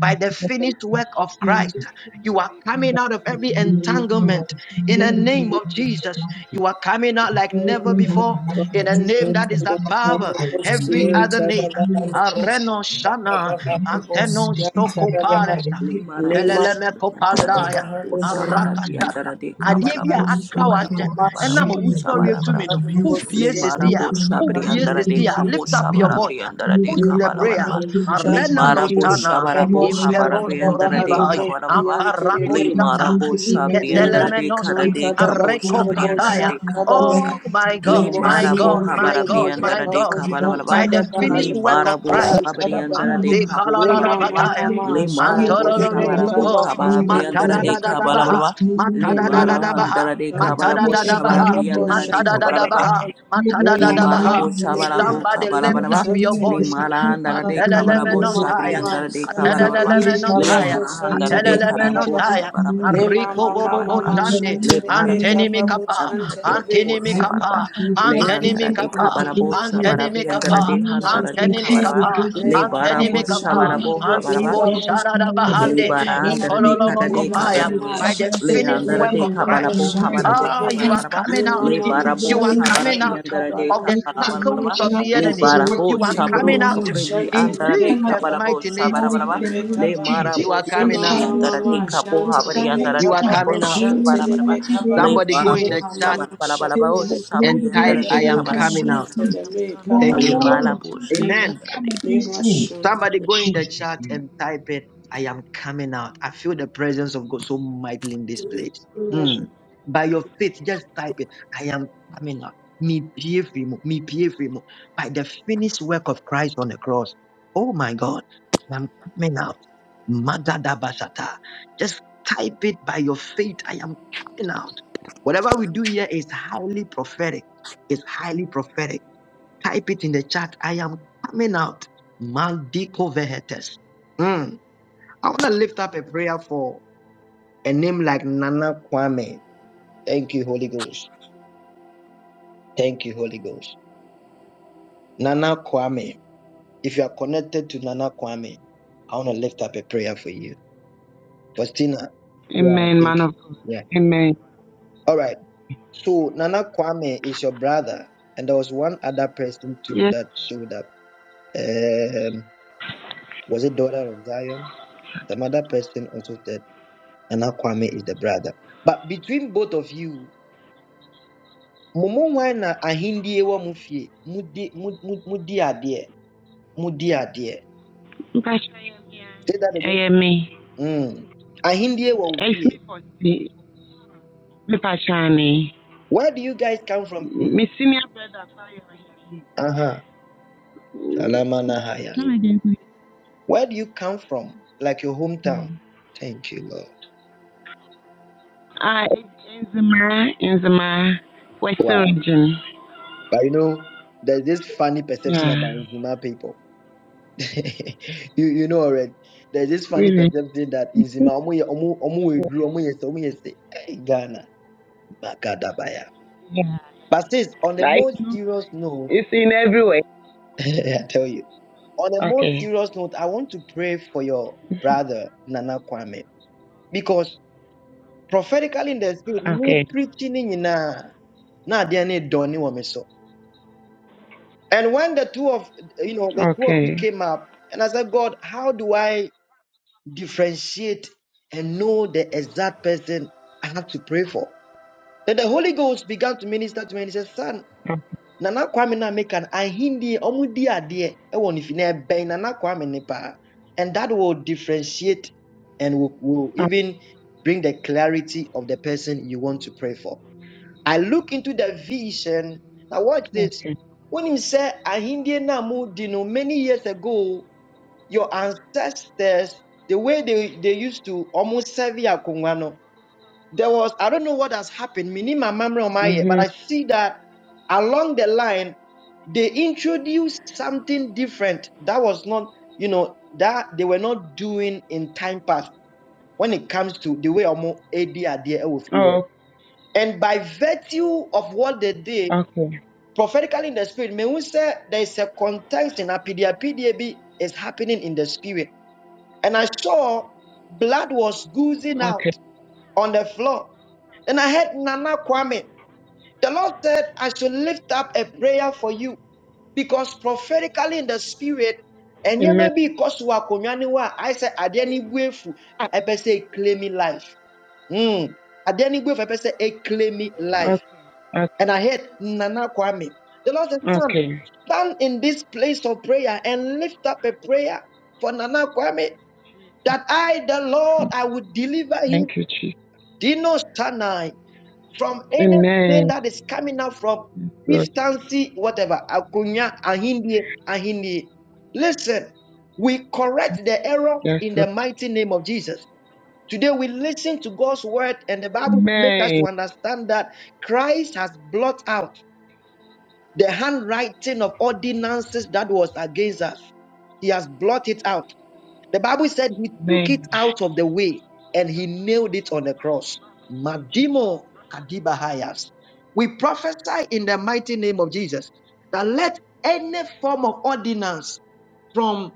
Speaker 2: By the finished work of Christ, you are coming out of every entanglement. In the name of Jesus, you are coming out like never before.
Speaker 5: Lima
Speaker 2: In a
Speaker 5: Shanta
Speaker 3: this to
Speaker 2: name
Speaker 3: me
Speaker 2: that is
Speaker 3: in
Speaker 5: da
Speaker 3: judgment,
Speaker 2: above
Speaker 5: bahale
Speaker 3: I condemn
Speaker 2: every
Speaker 3: in
Speaker 2: other
Speaker 3: the
Speaker 2: name.
Speaker 3: name of Jesus.
Speaker 2: Areno Shana,
Speaker 3: This is
Speaker 2: Ateno
Speaker 3: contemplation that is
Speaker 2: Stokopares
Speaker 3: the only
Speaker 6: Limara bosh,
Speaker 2: teleleme
Speaker 3: true
Speaker 6: yantara de
Speaker 3: God.
Speaker 2: kopandaya
Speaker 6: kabo
Speaker 3: That's the
Speaker 6: shabara,
Speaker 3: only.
Speaker 2: arakasata
Speaker 6: yantara de
Speaker 3: Ele
Speaker 2: adeɛ
Speaker 6: kabara
Speaker 2: bi a
Speaker 6: bosh
Speaker 3: fala
Speaker 2: aka
Speaker 3: como
Speaker 6: shabara
Speaker 3: se
Speaker 2: wahyɛ
Speaker 3: ela se
Speaker 6: boha bara
Speaker 2: ɛnam a
Speaker 3: conecta
Speaker 6: bosh
Speaker 3: na
Speaker 2: wosɔre
Speaker 3: cruz
Speaker 6: shabara bara.
Speaker 3: das
Speaker 2: atumi no
Speaker 3: finanças.
Speaker 2: wopie sesi
Speaker 6: Limara
Speaker 3: Ele
Speaker 6: bosh
Speaker 3: fala
Speaker 2: Who
Speaker 6: shabri,
Speaker 3: como se
Speaker 2: wopie
Speaker 3: ela
Speaker 6: yantara de
Speaker 2: sesi
Speaker 3: se
Speaker 2: a
Speaker 6: kabo
Speaker 3: conecta
Speaker 2: lift
Speaker 3: na
Speaker 2: up your
Speaker 6: shabara,
Speaker 3: marriage.
Speaker 2: voice
Speaker 6: yantara
Speaker 3: Ele
Speaker 6: de
Speaker 2: push
Speaker 3: fala
Speaker 2: the
Speaker 6: kabara
Speaker 3: como se
Speaker 6: bara
Speaker 2: prayer
Speaker 3: ela
Speaker 6: bara.
Speaker 3: se conecta
Speaker 2: arena
Speaker 3: my
Speaker 2: no
Speaker 6: Limara
Speaker 3: children.
Speaker 6: bosh
Speaker 2: sana
Speaker 6: shabara
Speaker 3: Ele fala
Speaker 6: boha
Speaker 3: como
Speaker 6: bara,
Speaker 3: se
Speaker 2: imperos
Speaker 3: ela se
Speaker 6: yantara de
Speaker 2: dozivai
Speaker 6: kabara
Speaker 3: conecta
Speaker 6: bara bara.
Speaker 3: in
Speaker 2: aparakosata
Speaker 6: Limara
Speaker 3: against it
Speaker 6: bosh
Speaker 3: right
Speaker 6: shabri,
Speaker 3: now.
Speaker 6: yantara de
Speaker 3: We
Speaker 2: iketelemenosa
Speaker 6: kada
Speaker 3: will
Speaker 6: de kabo
Speaker 3: destroy by
Speaker 6: shabri,
Speaker 5: bo
Speaker 6: yantara
Speaker 2: arekopataya
Speaker 3: fire,
Speaker 6: de
Speaker 3: by
Speaker 5: shanta
Speaker 6: kabo
Speaker 5: da
Speaker 6: sha.
Speaker 3: thunder,
Speaker 2: oh
Speaker 3: in
Speaker 2: my
Speaker 3: the
Speaker 6: Li
Speaker 2: god
Speaker 3: mighty
Speaker 2: my
Speaker 6: marabo
Speaker 2: god
Speaker 5: Lemosian
Speaker 3: name of
Speaker 2: my
Speaker 6: habarabri
Speaker 2: god
Speaker 5: Kedebe
Speaker 3: Jesus.
Speaker 2: my
Speaker 6: andara de
Speaker 2: god
Speaker 3: I will
Speaker 5: Krababoshan
Speaker 6: kabalabalaba.
Speaker 2: by the
Speaker 3: see
Speaker 5: Tadabaha
Speaker 6: Li
Speaker 2: finished work of
Speaker 6: marabo
Speaker 2: christ
Speaker 5: Lemosian
Speaker 6: shabari andara
Speaker 5: Tadabaha
Speaker 6: de
Speaker 2: Ate
Speaker 3: Amen.
Speaker 6: kabo
Speaker 2: kala la
Speaker 3: Jesus,
Speaker 2: la
Speaker 5: Lema
Speaker 6: habalabalaba.
Speaker 5: Mama
Speaker 2: bataya.
Speaker 6: Li
Speaker 5: Mama
Speaker 3: Jesus,
Speaker 5: Shan
Speaker 6: marabo
Speaker 3: yes, and we
Speaker 5: Kedebe
Speaker 3: know
Speaker 6: shabarabo
Speaker 3: it's
Speaker 2: Antololololobo,
Speaker 3: on
Speaker 6: kabalabri
Speaker 3: the
Speaker 5: Krababoshan
Speaker 6: andara de
Speaker 3: cross.
Speaker 5: Kedebe Kabaha
Speaker 2: matadadadabaha,
Speaker 6: kabalabalaba.
Speaker 3: It's moving
Speaker 6: Li mara
Speaker 5: Lema Mama
Speaker 3: around.
Speaker 2: matadadadabaha,
Speaker 6: andara de
Speaker 3: When
Speaker 5: Shan
Speaker 3: the
Speaker 6: kabarabo
Speaker 3: cross
Speaker 5: Kedebe
Speaker 3: has been
Speaker 2: matadadadabaha,
Speaker 6: shabarabri
Speaker 3: nailed on
Speaker 6: andara
Speaker 3: the
Speaker 5: Krababoshan
Speaker 6: de
Speaker 3: cross,
Speaker 6: kabalabalaba.
Speaker 2: matadadadabaha,
Speaker 3: when the
Speaker 5: Tadabaha
Speaker 3: presence has
Speaker 5: Lema
Speaker 3: been nailed
Speaker 6: Limarabo
Speaker 2: matadadadabaha.
Speaker 5: Shan
Speaker 3: on the
Speaker 5: Kedebe
Speaker 3: cross,
Speaker 6: Shabarabo
Speaker 2: Somebody lift
Speaker 3: every
Speaker 6: Kabalabaraba,
Speaker 2: up
Speaker 5: Krababoshan
Speaker 2: your
Speaker 3: delay and
Speaker 2: voice.
Speaker 5: Kedebe
Speaker 3: disappointment
Speaker 6: Limarandara
Speaker 3: has
Speaker 5: Kabaha
Speaker 6: de
Speaker 3: been nailed
Speaker 6: Kabarabo
Speaker 3: on the
Speaker 5: Lema
Speaker 2: Atelelemenosaya,
Speaker 3: cross.
Speaker 5: Mama
Speaker 6: Shabriandara de
Speaker 3: I
Speaker 5: Shan
Speaker 6: Kabalabaraba,
Speaker 3: decree this
Speaker 5: Kedebe
Speaker 3: morning,
Speaker 2: atelelemenosaya,
Speaker 3: I
Speaker 5: Krababoshan
Speaker 3: am
Speaker 6: Limarandara de
Speaker 5: Kedebe
Speaker 6: Karambo
Speaker 3: vindicated this
Speaker 5: Kabaha
Speaker 2: atelelemenosaya.
Speaker 3: morning.
Speaker 5: Lema
Speaker 6: Shabarabriandara
Speaker 2: Arriko
Speaker 6: de
Speaker 5: Mama
Speaker 2: bobo bo
Speaker 6: Kabaraba,
Speaker 5: Mama
Speaker 3: In the
Speaker 2: sande,
Speaker 5: Shan
Speaker 3: mighty
Speaker 5: Kedebe
Speaker 6: Limarabo
Speaker 2: Antenimi antenimi
Speaker 3: name of
Speaker 5: Krababoshan
Speaker 6: Shabriandara de
Speaker 3: Jesus,
Speaker 5: Kedebe
Speaker 6: Kabo
Speaker 2: antenimi
Speaker 3: every
Speaker 6: Shabaraba,
Speaker 2: kapa,
Speaker 3: system fight
Speaker 5: Lima
Speaker 3: against
Speaker 2: antenimi
Speaker 6: Lehandara
Speaker 3: who
Speaker 6: de
Speaker 2: kapa,
Speaker 3: fight
Speaker 6: Kabarabo
Speaker 3: against me.
Speaker 2: antenimi kapa, antenimi
Speaker 3: And
Speaker 6: Shabarabriandara
Speaker 2: kapa,
Speaker 6: de
Speaker 3: you shall
Speaker 6: Handara de
Speaker 2: antenimi
Speaker 3: contend
Speaker 6: Kabaraba,
Speaker 3: with
Speaker 2: kapa,
Speaker 3: those who
Speaker 6: Lebarabo
Speaker 5: mama
Speaker 3: contend with
Speaker 2: Antenimikapa,
Speaker 5: shante
Speaker 3: me.
Speaker 2: Antenimikapa,
Speaker 6: Shabarabo
Speaker 3: Oh
Speaker 6: Habaraba,
Speaker 2: Antibo
Speaker 3: God, this morning,
Speaker 2: Sharadabahande,
Speaker 3: and
Speaker 6: Libarandere de
Speaker 3: every
Speaker 6: cada de cada
Speaker 3: direction
Speaker 2: Ikololomokopaya,
Speaker 3: of
Speaker 6: de
Speaker 2: by the
Speaker 3: ordinances
Speaker 2: finished
Speaker 6: Leandere
Speaker 2: work
Speaker 3: fighting
Speaker 6: de
Speaker 2: of
Speaker 3: against
Speaker 2: Christ.
Speaker 3: my
Speaker 6: Cabalabo, Habarabo,
Speaker 3: marriage.
Speaker 2: Ah,
Speaker 3: I
Speaker 2: you are
Speaker 6: Habarabaraba,
Speaker 3: stand
Speaker 2: coming out.
Speaker 3: against it in the
Speaker 6: Lebarabo,
Speaker 2: You are
Speaker 3: name of
Speaker 2: coming out
Speaker 3: Jesus.
Speaker 6: Shabarabiandere de
Speaker 2: of the
Speaker 3: Every
Speaker 2: circles
Speaker 6: Cabalabaraba,
Speaker 2: of
Speaker 3: generational
Speaker 2: the
Speaker 3: curse
Speaker 5: de
Speaker 2: enemy.
Speaker 3: is
Speaker 6: Lebarabo,
Speaker 2: You
Speaker 3: working
Speaker 2: are
Speaker 3: against my
Speaker 5: Mama
Speaker 6: Shabro,
Speaker 2: coming out
Speaker 5: mama
Speaker 3: marriage.
Speaker 6: Tokribi,
Speaker 5: shanti
Speaker 2: in
Speaker 6: Andara
Speaker 5: debe
Speaker 6: de
Speaker 3: Come
Speaker 2: Jesus'
Speaker 5: kaba
Speaker 3: against it
Speaker 6: Cabalabo,
Speaker 2: mighty
Speaker 3: this
Speaker 2: name.
Speaker 3: morning
Speaker 6: Shabarabaraba,
Speaker 5: shanti
Speaker 3: in
Speaker 5: de
Speaker 3: the name
Speaker 6: Le
Speaker 3: of
Speaker 5: kaba.
Speaker 3: Jesus.
Speaker 2: You
Speaker 6: Marabo,
Speaker 2: are
Speaker 3: It
Speaker 2: coming
Speaker 5: Lima
Speaker 6: Shabribi,
Speaker 3: shall
Speaker 2: out.
Speaker 3: not
Speaker 5: mama
Speaker 6: Andara de
Speaker 5: mama
Speaker 3: stand.
Speaker 6: Cabo,
Speaker 3: It
Speaker 5: shanti
Speaker 6: Habari,
Speaker 3: shall
Speaker 5: debe
Speaker 3: not
Speaker 6: Andara
Speaker 2: You
Speaker 6: de
Speaker 2: are
Speaker 5: kaba
Speaker 3: stand.
Speaker 6: Cabo,
Speaker 5: bo
Speaker 2: coming out.
Speaker 3: In the
Speaker 5: shanti
Speaker 6: Shabarabaraba,
Speaker 5: de
Speaker 3: mighty
Speaker 5: kaba.
Speaker 3: name
Speaker 6: Le
Speaker 3: of
Speaker 2: Somebody go in
Speaker 5: Lima
Speaker 6: Barabo,
Speaker 3: Jesus.
Speaker 2: the
Speaker 5: mama
Speaker 2: chat
Speaker 5: mama shanti
Speaker 3: It
Speaker 6: Shabarabaraba,
Speaker 3: Says
Speaker 5: debe
Speaker 3: that no
Speaker 2: and
Speaker 6: Shabari,
Speaker 5: kaba
Speaker 6: Andara
Speaker 2: type,
Speaker 5: da
Speaker 6: de
Speaker 3: divination
Speaker 2: I
Speaker 5: da
Speaker 3: will
Speaker 2: am
Speaker 5: bo
Speaker 3: come
Speaker 6: Cabarabo,
Speaker 2: coming
Speaker 3: against
Speaker 2: out.
Speaker 5: shanti
Speaker 3: me.
Speaker 5: debe kaba
Speaker 2: Thank
Speaker 6: Le
Speaker 2: you,
Speaker 5: ba.
Speaker 3: No
Speaker 2: Lord.
Speaker 6: Malabo,
Speaker 3: enchantment
Speaker 5: Lima
Speaker 3: will
Speaker 2: Amen.
Speaker 3: come
Speaker 6: Shabriandra
Speaker 5: lima
Speaker 3: against me.
Speaker 5: shanti.
Speaker 2: Somebody go in the
Speaker 3: Jesus'
Speaker 2: chat
Speaker 3: name.
Speaker 2: and type it. I am coming out. I feel the presence of God so mightily in this place. Mm. By your faith, just type it. I am coming out. Me pie frimo, me pie frimo. By the finished work of Christ on the cross. Oh my God, I am coming out. Magada basata. Just type it by your faith. I am coming out. Whatever we do here is highly prophetic. It's highly prophetic Type it in the chat. I am coming out. Maldiko vehetes. Mm. I want to lift up a prayer for a name like Nana Kwame. Thank you, Holy Ghost. Thank you, Holy Ghost. Nana Kwame. If you are connected to Nana Kwame, I want to lift up a prayer for you. Faustina. Yeah, I
Speaker 4: Amen, man
Speaker 2: think.
Speaker 4: of God.
Speaker 2: Yeah.
Speaker 4: Amen.
Speaker 2: All right. So Nana Kwame is your brother, and there was one other person too
Speaker 4: Yes,
Speaker 2: that showed up. Um, was it daughter of Zion? Some other person also said. and Kwame is the brother. But between both of you, Momo Wana Ahindie wa Mufi, Mudi mu- mu- Mudi Adie, Mudi Adie.
Speaker 4: Nkasha,
Speaker 2: Say that again.
Speaker 4: eh, me.
Speaker 2: Mm. Ahindie ewa
Speaker 4: It's
Speaker 2: Mufi.
Speaker 4: me for see me pachani.
Speaker 2: Where do you guys come from, please?
Speaker 4: Me senior
Speaker 2: Uh huh.
Speaker 4: brother.
Speaker 2: Salama Nahaya.
Speaker 4: Come again,
Speaker 2: Where do you come from? Like your hometown.
Speaker 4: please.
Speaker 2: Thank you, Lord.
Speaker 4: Ah, it's Enzima, Enzima, Western
Speaker 2: Wow.
Speaker 4: region.
Speaker 2: But you know, there's this funny perception
Speaker 4: Yeah,
Speaker 2: about Nhima people. *laughs* you you know already. There's this funny
Speaker 4: really.
Speaker 2: perception that in Zima, omu ye- omu omu we drew, omu yese, omu yese. Hey, Ghana, Makadabaya.
Speaker 4: Yeah,
Speaker 2: But sis, on a
Speaker 4: right.
Speaker 2: more serious note,
Speaker 4: It's in everywhere.
Speaker 2: *laughs* I tell you, on a more
Speaker 4: Okay,
Speaker 2: serious note, I want to pray for your brother Nana Kwame because prophetically in the spirit, you
Speaker 4: okay,
Speaker 2: preaching in na na diane doni so. And when the two of you know the two of you
Speaker 4: okay,
Speaker 2: came up, and I said, God, how do I? differentiate and know the exact person I have to pray for. Then the Holy Ghost began to minister to me and he said, Son,
Speaker 4: okay.
Speaker 2: Nana Kwame na mekan ahindi omudi ade e won ifine ben Nana Kwame ne pa. And that will differentiate and will, will even bring the clarity of the person you want to pray for. I look into the vision. Now watch this.
Speaker 4: okay.
Speaker 2: When he said ahindi na mudi no many years ago your ancestors, the way they, they used to almost serve Yakungwano, there was, I don't know what has happened, mini my memory on my ear, but
Speaker 4: Mhm.
Speaker 2: I see that along the line, they introduced something different that was not, you know, that they were not doing in time past when it comes to the way Omo AD are there. ɛwɔ hɔ.
Speaker 4: Oh,
Speaker 2: And by virtue of what they did,
Speaker 4: okay,
Speaker 2: prophetically in the spirit, may we say there is a context in Apidia PDAB is happening in the spirit and I saw blood was oozing
Speaker 4: okay.
Speaker 2: out on the floor. Then I heard Nana Kwame. The Lord said, I should lift up a prayer for you because prophetically in the spirit, and you
Speaker 4: Amen.
Speaker 2: may be because you are konyaniwa. I said, I didn't wait for I say claim life. Hmm. I didn't wait for I say "Hey, claim life.
Speaker 4: Okay, okay,
Speaker 2: And I heard Nana Kwame. The Lord said, Son,
Speaker 4: okay.
Speaker 2: stand in this place of prayer and lift up a prayer for Nana Kwame that I, the Lord, I will deliver him,
Speaker 4: Thank you, Jesus.
Speaker 2: Dino Sanai, from anything
Speaker 4: Amen.
Speaker 2: that is coming out from
Speaker 4: Lord,
Speaker 2: fifthancy, whatever, Akunya, Ahindi, Ahindi. Listen, we correct the error
Speaker 4: yes,
Speaker 2: in the
Speaker 4: Lord.
Speaker 2: mighty name of Jesus. Today we listen to God's word, and the Bible makes us to
Speaker 4: Amen.
Speaker 2: understand that Christ has blotted out. The handwriting of ordinances that was against us, he has blotted it out. The Bible said he took it
Speaker 4: Amen.
Speaker 2: out of the way and he nailed it on the cross. Madimo Kadibahayas. We prophesy in the mighty name of Jesus that let any form of ordinance from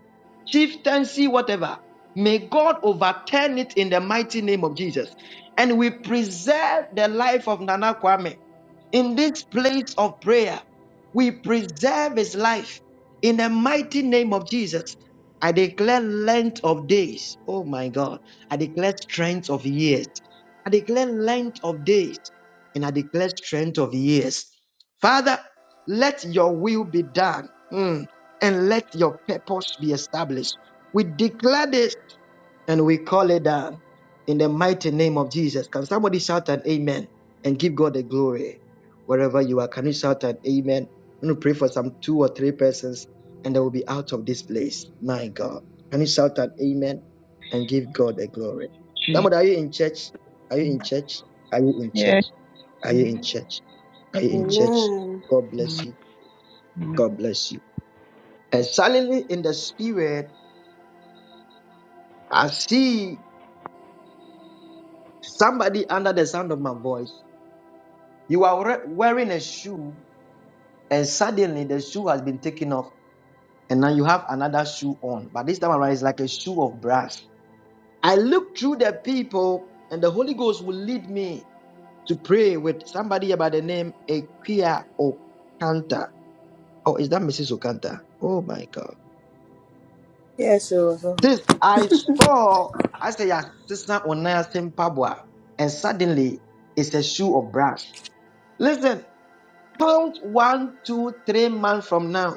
Speaker 2: chieftaincy, whatever, may God overturn it in the mighty name of Jesus. And we preserve the life of Nana Kwame in this place of prayer. We preserve his life in the mighty name of Jesus. I declare length of days. Oh my God. I declare strength of years. I declare length of days and I declare strength of years. Father, let your will be done mm, and let your purpose be established. We declare this and we call it down in the mighty name of Jesus. Can somebody shout an amen and give God the glory wherever you are? Can you shout an amen? I'm going to pray for some two or three persons and they will be out of this place. My God. Can you shout an amen and give God the glory?
Speaker 4: Jesus.
Speaker 2: Somebody, are you in church? Are you in church? Are you in
Speaker 4: Yes,
Speaker 2: church? Are you in church? Are you in church?
Speaker 5: Amen.
Speaker 2: God bless you.
Speaker 4: Man
Speaker 2: God bless you. And suddenly in the spirit, I see somebody under the sound of my voice. You are wearing a shoe, and suddenly the shoe has been taken off, and now you have another shoe on. But this time around, it's like a shoe of brass. I look through the people, and the Holy Ghost will lead me to pray with somebody by the name Equia Okanta. Oh, is that Mrs. Okanta? Oh my God.
Speaker 5: Yes, it was all.
Speaker 2: This I saw, I say, yeah, Sister Onaya Pabwa, and suddenly it's a shoe of brass. Listen, count one, two, three months from now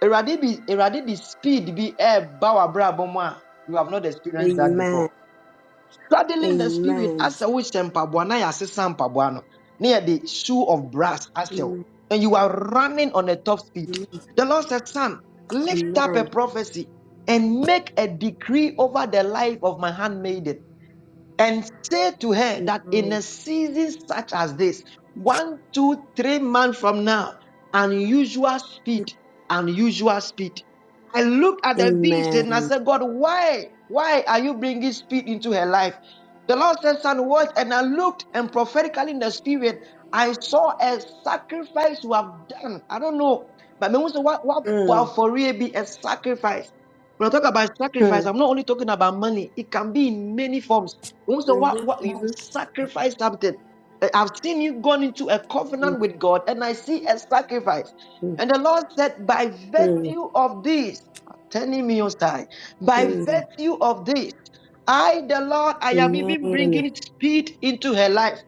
Speaker 2: Eradi bi eradi the speed be ɛɛba w'abrabɔ mu a you have not experienced that before.
Speaker 5: Amen.
Speaker 2: Straddling the spirit
Speaker 5: Amen.
Speaker 2: asɛ wohyɛ mpaboa na yɛasesa mpaboa no Near the shoe of brass ahyɛ wo
Speaker 5: Amen.
Speaker 2: and you are running on a top speed. The Lord said, son, lift up a
Speaker 5: Amen.
Speaker 2: prophecy and make a decree over the life of my handmaiden and say to her that in
Speaker 5: Amen.
Speaker 2: a season such as this, one, two, three months from now, unusual speed, unusual speed. I looked at the vision and I
Speaker 5: Amen.
Speaker 2: said, God, why? Why are you bringing speed into her life? The Lord said, Son, watch. And I looked and prophetically in the spirit, I saw a sacrifice you have done. I don't know. But me who say, what, what,
Speaker 5: Mm.
Speaker 2: for real be a sacrifice. When I talk about sacrifice,
Speaker 5: Mm.
Speaker 2: I'm not only talking about money. It can be in many forms. Once in a while, what you
Speaker 5: Mm-hmm.
Speaker 2: sacrifice something. I- have seen you gone into a covenant
Speaker 5: Mm-hmm.
Speaker 2: with God, and I see a sacrifice. And the Lord said, by
Speaker 5: Mm,
Speaker 2: virtue of this, turning me on side, by
Speaker 5: mm.
Speaker 2: virtue of this, I, the Lord, I am even
Speaker 5: Amen.
Speaker 2: bringing speed into her life.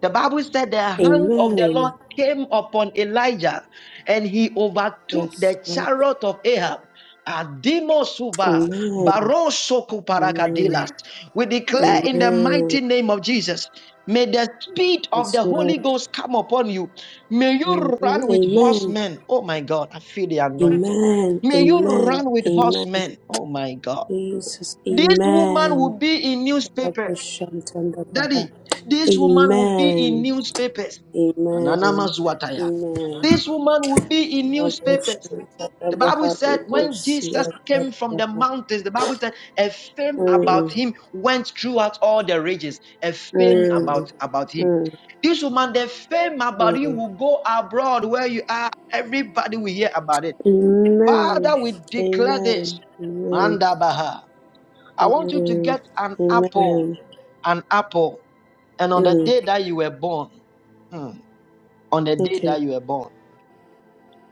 Speaker 2: The Bible said the hand of the Lord
Speaker 5: Amen.
Speaker 2: came upon Elijah and he overtook
Speaker 5: Yes,
Speaker 2: the
Speaker 5: Lord.
Speaker 2: chariot of Ahab. Adimosuba,
Speaker 5: Amen.
Speaker 2: Barosokuparakadilas.
Speaker 5: Amen.
Speaker 2: We declare in the
Speaker 5: Amen.
Speaker 2: mighty name of Jesus, may the speed of
Speaker 5: Yes,
Speaker 2: the Holy
Speaker 5: Lord.
Speaker 2: Ghost come upon you. May you
Speaker 5: Mhm.
Speaker 2: run with
Speaker 5: Amen.
Speaker 2: horsemen. Oh my God, I feel the anointing.
Speaker 5: Amen.
Speaker 2: May you
Speaker 5: Amen.
Speaker 2: run with
Speaker 5: Amen.
Speaker 2: horsemen. Oh my God.
Speaker 5: Jesus.
Speaker 2: This woman
Speaker 5: Amen.
Speaker 2: will be in newspaper.
Speaker 5: Kadabashantandabaha.
Speaker 2: Daddy, this woman will be in
Speaker 5: Amen.
Speaker 2: newspapers.
Speaker 5: Amen.
Speaker 2: Ananamazuataya.
Speaker 5: Amen.
Speaker 2: This woman will be in newspapers. The Bible
Speaker 5: Kadabashantandabaha.
Speaker 2: said when Jesus came from the
Speaker 5: Bebosiatadabaha.
Speaker 2: mountains, the Bible said a fame
Speaker 5: Mm,
Speaker 2: about him went throughout all the regions. A fame
Speaker 5: mm,
Speaker 2: about, about him.
Speaker 5: mm,
Speaker 2: This woman, the fame about
Speaker 5: mm.
Speaker 2: you will go abroad where you are. Everybody will hear about it.
Speaker 5: Amen.
Speaker 2: Father, we declare this.
Speaker 5: Amen. Amen.
Speaker 2: Manda Baha. I want you
Speaker 5: Amen.
Speaker 2: to get an apple,
Speaker 5: Amen.
Speaker 2: an apple. And on the
Speaker 5: Mm.
Speaker 2: day that you were born, mm, on the day
Speaker 5: Okay.
Speaker 2: that you were born,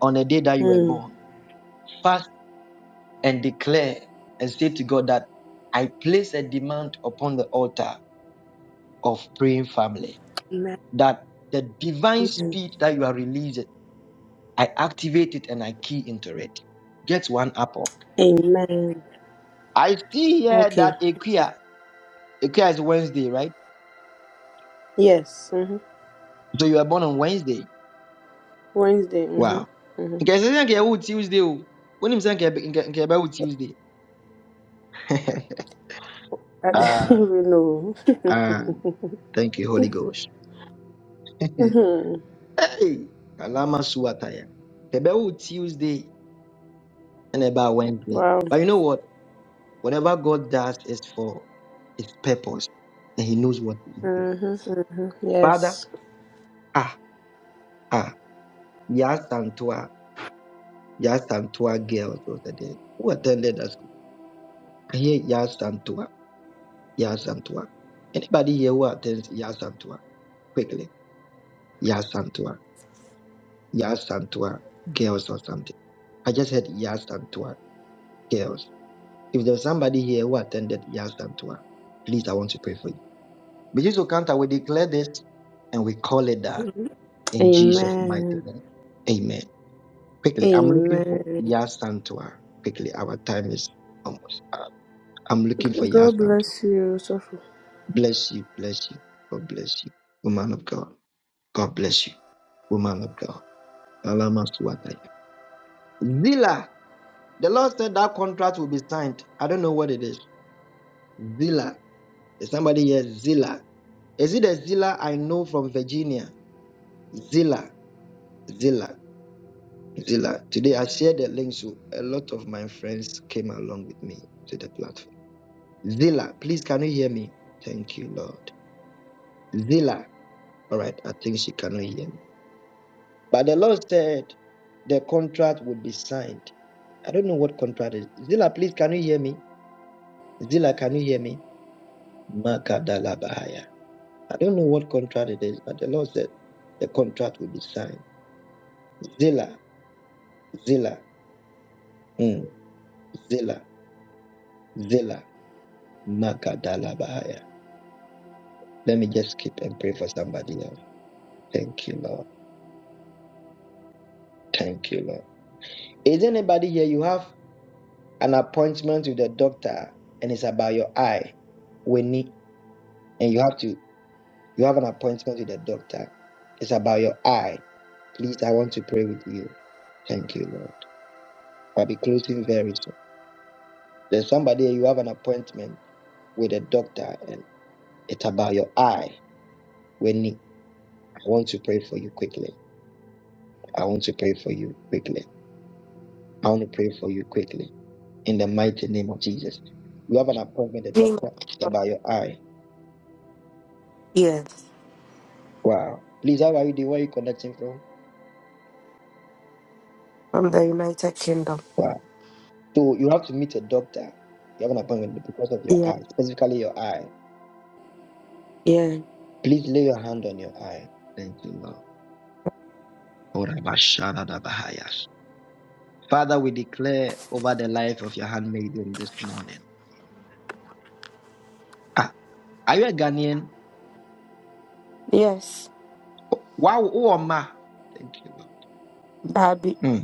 Speaker 2: on the day that you were
Speaker 5: Mm.
Speaker 2: born, fast and declare and say to God that I place a demand upon the altar of praying family
Speaker 5: Amen.
Speaker 2: that the divine speed that you are releasing, I activate it and I key into it. Get one apple.
Speaker 5: Amen.
Speaker 2: I see here
Speaker 5: Okay.
Speaker 2: that Equia, Equia is Wednesday, right?
Speaker 5: Yes. Mm-hmm.
Speaker 2: So you were born on Wednesday.
Speaker 5: Wednesday.
Speaker 2: Wow.
Speaker 5: Mm-hmm. Mm-hmm.
Speaker 2: Okay, so you Tuesday. oh. When you say Tuesday. *laughs*
Speaker 5: I *laughs* didn't
Speaker 2: Ah.
Speaker 5: even know. *laughs*
Speaker 2: Ah, thank you, Holy Ghost. *laughs* hey,
Speaker 5: mm-hmm.
Speaker 2: Kalama Suataya. About Tuesday and about Wednesday.
Speaker 5: Wow.
Speaker 2: But you know what? Whatever God does is for his purpose, and he knows what he's doing.
Speaker 5: Mm-hmm. Mm-hmm.
Speaker 2: Father,
Speaker 5: Yes.
Speaker 2: ah, ah, Yasantua, Yasantua girls was the day who attended us. I hear Yasantua, Yasantua. Anybody here who attends Yasantua? Quickly, Yasantua, Yasantua girls or something. I just heard Yasantua girls. If there's somebody here who attended Yazdam to please, I want to pray for you. But Jesus Okanta, we declare this and we call it that
Speaker 5: Mhm.
Speaker 2: in Jesus' mighty
Speaker 5: Amen.
Speaker 2: name. Amen. Quickly, I'm looking for
Speaker 5: Amen.
Speaker 2: Yazdam to Quickly, our time is almost up. I'm looking for
Speaker 5: G- God
Speaker 2: Yazdam to
Speaker 5: bless you, Sopho.
Speaker 2: Bless you, bless you. God bless you, woman of God. God bless you, woman of God. Alama Suwataya. Zila, the Lord said that contract will be signed. I don't know what it is. Zila, is somebody here? Zila. Is it a Zilla I know from Virginia? Zilla, Zilla, Zilla. Today I shared the link, so a lot of my friends came along with me to the platform. Zilla, please, can you hear me? Thank you, Lord. Zilla, all right, I think she cannot hear me. But the Lord said the contract would be signed. I don't know what contract is. Zilla, please, can you hear me? Zilla, can you hear me? Makadala Bahaya. I don't know what contract it is, but the Lord said the contract will be signed. Zilla, Zilla. Mm. Zilla, Zilla, Makadala Bahaya. Let me just skip and pray for somebody else. Thank you, Lord. Thank you, Lord. Is anybody here? You have an appointment with the doctor, and it's about your eye, Winnie, and you have to you have an appointment with the doctor. It's about your eye. Please, I want to pray with you. Thank you, Lord. I'll be closing very soon. There's somebody here, you have an appointment with a doctor, and it's about your eye, Winnie. I want to pray for you quickly. I want to pray for you quickly. I want to pray for you quickly in the mighty name of Jesus. You have an appointment, with the
Speaker 7: Me,
Speaker 2: doctor, about your eye.
Speaker 7: Yes,
Speaker 2: Wow. Please, how are you doing? Where are you connecting from?
Speaker 7: from the United Kingdom.
Speaker 2: Wow. So you have to meet a doctor. You have an appointment because of your
Speaker 7: Yeah,
Speaker 2: eye, specifically your eye.
Speaker 7: yeah,
Speaker 2: Please lay your hand on your eye. Thank you, Lord. Orabashadadabahayas. Father, we declare over the life of your handmaiden this morning. Ah, are you a Ghanaian?
Speaker 7: yes,
Speaker 2: Wow, oh, Oma. Thank you, Lord.
Speaker 7: Babi.
Speaker 2: Hmm.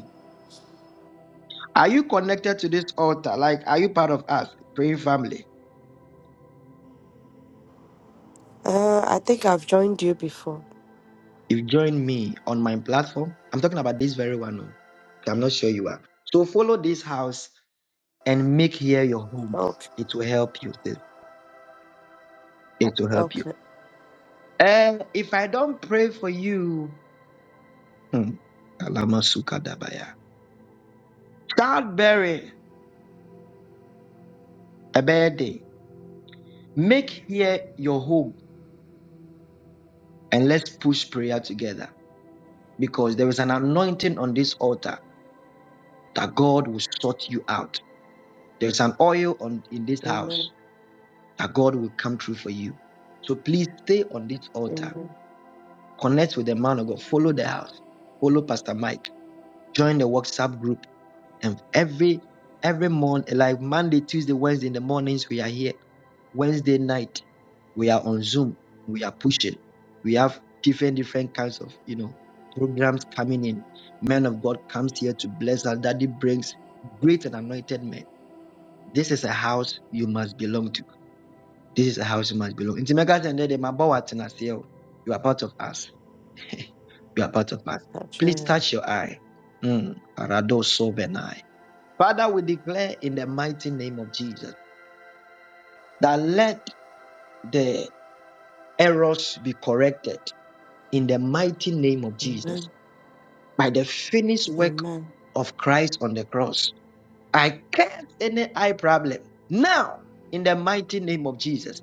Speaker 2: Are you connected to this altar? Like, are you part of us, praying family?
Speaker 7: Uh, I think I've joined you before.
Speaker 2: If you join me on my platform. I'm talking about this very one. oh. I'm not sure you are. So follow this house and make here your home.
Speaker 7: Okay,
Speaker 2: It will help you. sis. It will help you.
Speaker 7: okay.
Speaker 2: And if I don't pray for you, hmm, Alama Sukadabaya. childbearing, a bad day. Make here your home and let's push prayer together because there is an anointing on this altar that God will sort you out. There's an oil on in this
Speaker 7: Amen.
Speaker 2: house that God will come through for you. So please stay on this altar.
Speaker 7: Amen.
Speaker 2: Connect with the man of God. Follow the house. Follow Pastor Mike. Join the WhatsApp group. And every every month, like Monday, Tuesday, Wednesday in the mornings, we are here. Wednesday night, we are on Zoom. We are pushing. We have different different kinds of you know programs coming in. Men of God comes here to bless us. Daddy brings great and anointed men. This is a house you must belong to. This is a house you must belong. Nti mɛka kyerɛ no dɛ, "Mabɔ wo atena ase o. You are part of us. *laughs* you are part of us. Please
Speaker 7: Patriarch.
Speaker 2: touch your eye. Mm. Arado sovenai. Father, we declare in the mighty name of Jesus that let the errors be corrected in the mighty name of Jesus
Speaker 7: Amen.
Speaker 2: by the finished work
Speaker 7: Amen.
Speaker 2: of Christ on the cross. I curse any eye problem now in the mighty name of Jesus.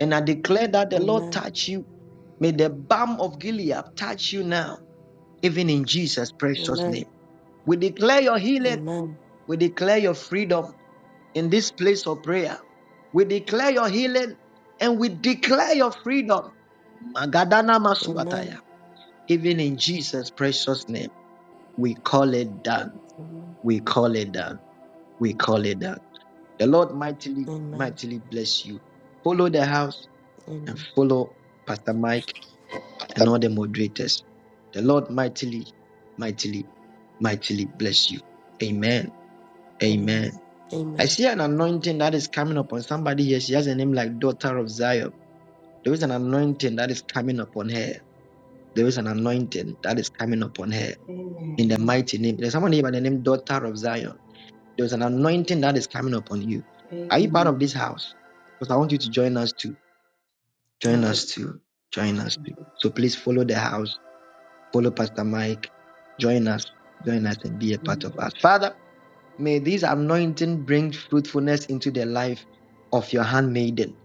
Speaker 2: And I declare that the Lord
Speaker 7: Amen.
Speaker 2: touch you. May the balm of Gilead touch you now, even in Jesus' precious
Speaker 7: Amen.
Speaker 2: name. We declare your healing.
Speaker 7: Amen.
Speaker 2: We declare your freedom in this place of prayer. We declare your healing and we declare your freedom. Magadana
Speaker 7: Amen.
Speaker 2: Masuataya. Even in Jesus' precious name, we call it done.
Speaker 7: Amen.
Speaker 2: We call it done. We call it done. The Lord mightily,
Speaker 7: Amen.
Speaker 2: mightily bless you. Follow the house and follow Pastor Mike and all the moderators. The Lord mightily, mightily, mightily bless you. Amen.
Speaker 7: Amen.
Speaker 2: Amen. I
Speaker 7: Amen.
Speaker 2: see an anointing that is coming upon somebody here. She has a name like Daughter of Zion. There is an anointing that is coming upon her. There is an anointing that is coming upon her in the
Speaker 3: Amen.
Speaker 2: mighty name. There's someone here by the name Daughter of Zion. There's an anointing that is coming upon you. Are you part of this
Speaker 3: Amen.
Speaker 2: house? Because I want you to join us too. Join
Speaker 3: Okay.
Speaker 2: us too. Join us too. So please follow the house Follow Pastor Mike. Join us. Join us and be a part
Speaker 3: Amen.
Speaker 2: of us. Father, may this anointing bring fruitfulness into the life of your handmaiden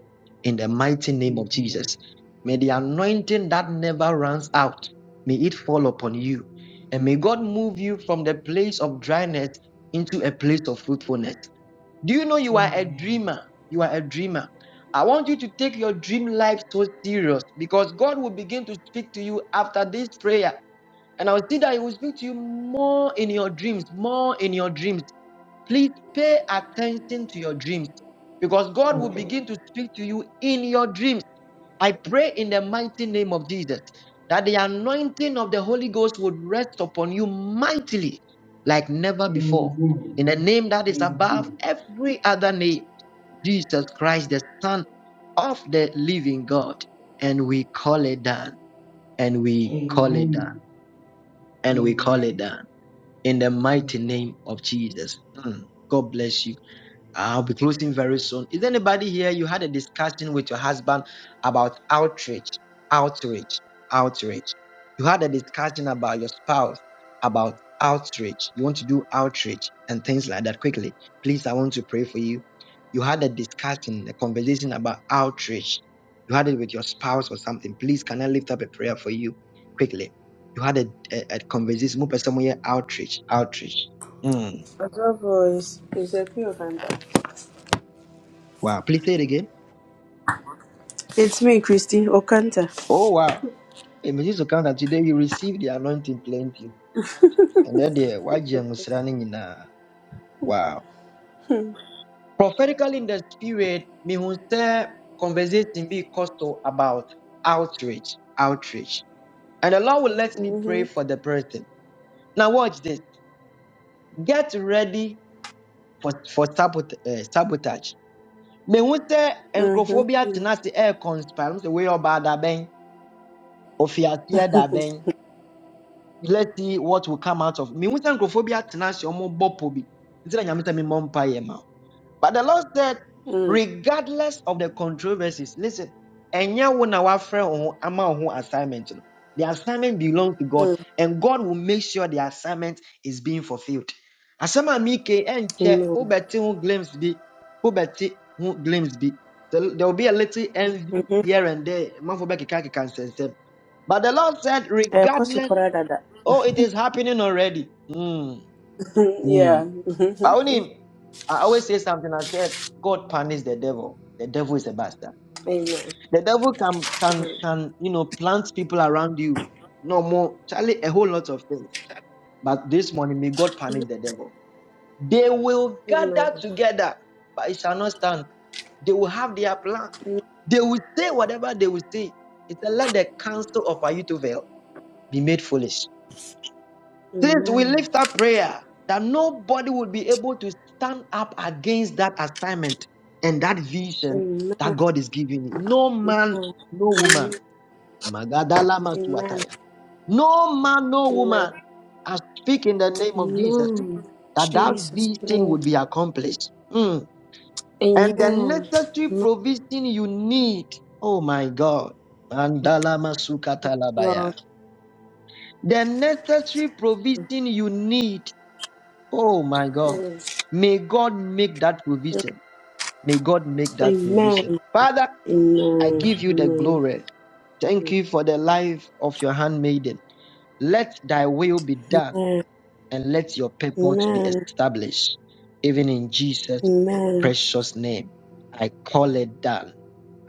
Speaker 2: in the mighty name of
Speaker 3: Amen.
Speaker 2: Jesus. May the anointing that never runs out, may it fall upon you. And may God move you from the place of dryness into a place of fruitfulness. Do you know you are a dreamer? You are a dreamer. I want you to take your dream life so serious because God will begin to speak to you after this prayer. And I will see that he will speak to you more in your dreams, more in your dreams. Please pay attention to your dreams because God will
Speaker 3: Okay.
Speaker 2: begin to speak to you in your dreams. I pray in the mighty name of Jesus that the anointing of the Holy Ghost would rest upon you mightily like never
Speaker 3: Amen.
Speaker 2: before.
Speaker 3: Amen.
Speaker 2: In the name that is above
Speaker 3: Amen.
Speaker 2: every other name, Jesus Christ, the Son of the living God. And we call it done, and we call it
Speaker 3: Amen.
Speaker 2: done, and we call it
Speaker 3: Amen.
Speaker 2: done in the mighty name of Jesus. Mm. God bless you.
Speaker 3: Amen.
Speaker 2: I'll be closing very
Speaker 3: Amen.
Speaker 2: soon. Is there anybody here you had a discussion with your husband about outrage, outrage, outrage? You had a discussion about your spouse about outrage. You want to do outrage and things like that quickly. Please, I want to pray for you. You had a discussion, a conversation about outrage. You had it with your spouse or something. Please, can I lift up a prayer for you quickly? You had a, a, a conversation. Move pɛ sɛ moyɛ Outrage, outrage. Mm.
Speaker 5: As always, it's a pure
Speaker 2: Wow. Please say it again.
Speaker 5: It's me, Christy Okanta.
Speaker 2: Oh, wow. Emeji so kan today you receive the anointing plenty. And then the waji musrani na wow. Prophetically in the spirit, me hun say conversation be costo about outreach, outreach. And the Lord will let me pray for the person. Now watch this. Get ready for for sabot- eh, sabotage. Me hun say
Speaker 5: Mhm.
Speaker 2: encophobia
Speaker 5: Mm.
Speaker 2: tenase air conspire. The way about that ben. Ofiatia let's see what will come out of me. Mehu sɛ nkurɔfoɔ bi atena ase a wɔrebɔ pɔ bi nti But the Lord said,
Speaker 5: Mm.
Speaker 2: regardless of the controversies, listen, ɛnyɛ wo na woafrɛ ama wo assignment no. The assignment belongs to God,
Speaker 5: Mm.
Speaker 2: and God will make sure the assignment is being fulfilled. Asɛm a meke ɛnkyɛ
Speaker 5: Amen.
Speaker 2: wobɛte ho glimpse bi, wobɛte ho glimpse bi. There will be a little envy
Speaker 5: Mhm.
Speaker 2: here and there. Manfo bɛkeka keka But the Lord said,
Speaker 5: Eh, kɔ so
Speaker 2: regardless.
Speaker 5: koraa dada.
Speaker 2: Oh, it is happening already. Mm,
Speaker 5: *laughs* Mhm.
Speaker 2: mm.
Speaker 5: Yeah.
Speaker 2: I
Speaker 5: Mhm.
Speaker 2: only, I always say something. I said, God punished the devil. The devil is a bastard.
Speaker 5: Amen.
Speaker 2: The devil can can
Speaker 5: Mhm.
Speaker 2: can you know plant people around you. No more, Charlie, a whole lot of things. But this morning, may God punish the devil. They will gather together, but it shall not stand. They will have their plans. They will say whatever they will say. It's a let the counsel of Ahithophel be made foolish. Since we
Speaker 5: Amen.
Speaker 2: lift up prayer that nobody will be able to stand up against that assignment and that
Speaker 5: Amen.
Speaker 2: vision
Speaker 5: Amen.
Speaker 2: that God is giving you. No man, no
Speaker 5: Amen.
Speaker 2: woman. Magadala masuataya. No man, no woman.
Speaker 5: Amen. Amen.
Speaker 2: I speak in the name of Jesus
Speaker 5: Amen.
Speaker 2: that that
Speaker 5: Jesus
Speaker 2: vision
Speaker 5: name.
Speaker 2: would be accomplished. Mm. And the
Speaker 5: Amen.
Speaker 2: necessary
Speaker 5: Amen,
Speaker 2: provision you need, oh my God, Mandala masukatalabaya.
Speaker 5: Lord.
Speaker 2: the necessary provision you need Oh my God.
Speaker 5: Amen.
Speaker 2: May God make that provision. May God make
Speaker 5: Mm.
Speaker 2: that provision.
Speaker 5: Amen.
Speaker 2: Father, I give you the
Speaker 5: Amen.
Speaker 2: glory. Thank you for the life of your handmaiden. Let thy will be done
Speaker 5: Amen.
Speaker 2: and let your purpose be
Speaker 5: Amen. Amen.
Speaker 2: established. Even in Jesus'
Speaker 5: Amen.
Speaker 2: precious name, I call it done.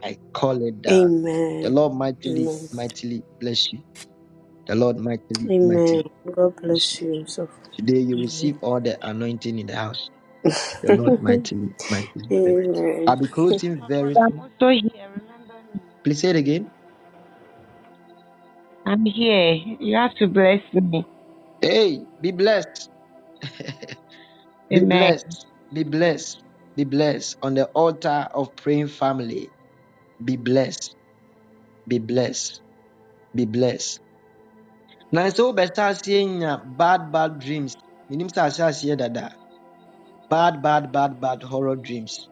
Speaker 2: I call it done. The
Speaker 5: Amen.
Speaker 2: Lord mightily,
Speaker 5: Amen.
Speaker 2: mightily bless you. The Lord mightily, mightily
Speaker 5: Amen. God
Speaker 2: bless you.
Speaker 5: bless you. So
Speaker 2: Today you receive all the anointing in the house. The Lord
Speaker 5: *laughs*
Speaker 2: mighty, mighty. bless you.
Speaker 5: Amen.
Speaker 2: I'll be closing
Speaker 4: of God,
Speaker 2: very
Speaker 4: I'm
Speaker 2: soon.
Speaker 4: also here. Remember me.
Speaker 2: Please say it again.
Speaker 4: I'm here. You have to bless me.
Speaker 2: Hey, be blessed. Be
Speaker 4: Amen.
Speaker 2: blessed. Be blessed. Be blessed. On the altar of praying family. Be blessed. Be blessed. Be blessed. Now so better seeing bad, bad dreams. Minim sa ase aseɛ dada. Bad, bad, bad, bad horror dreams.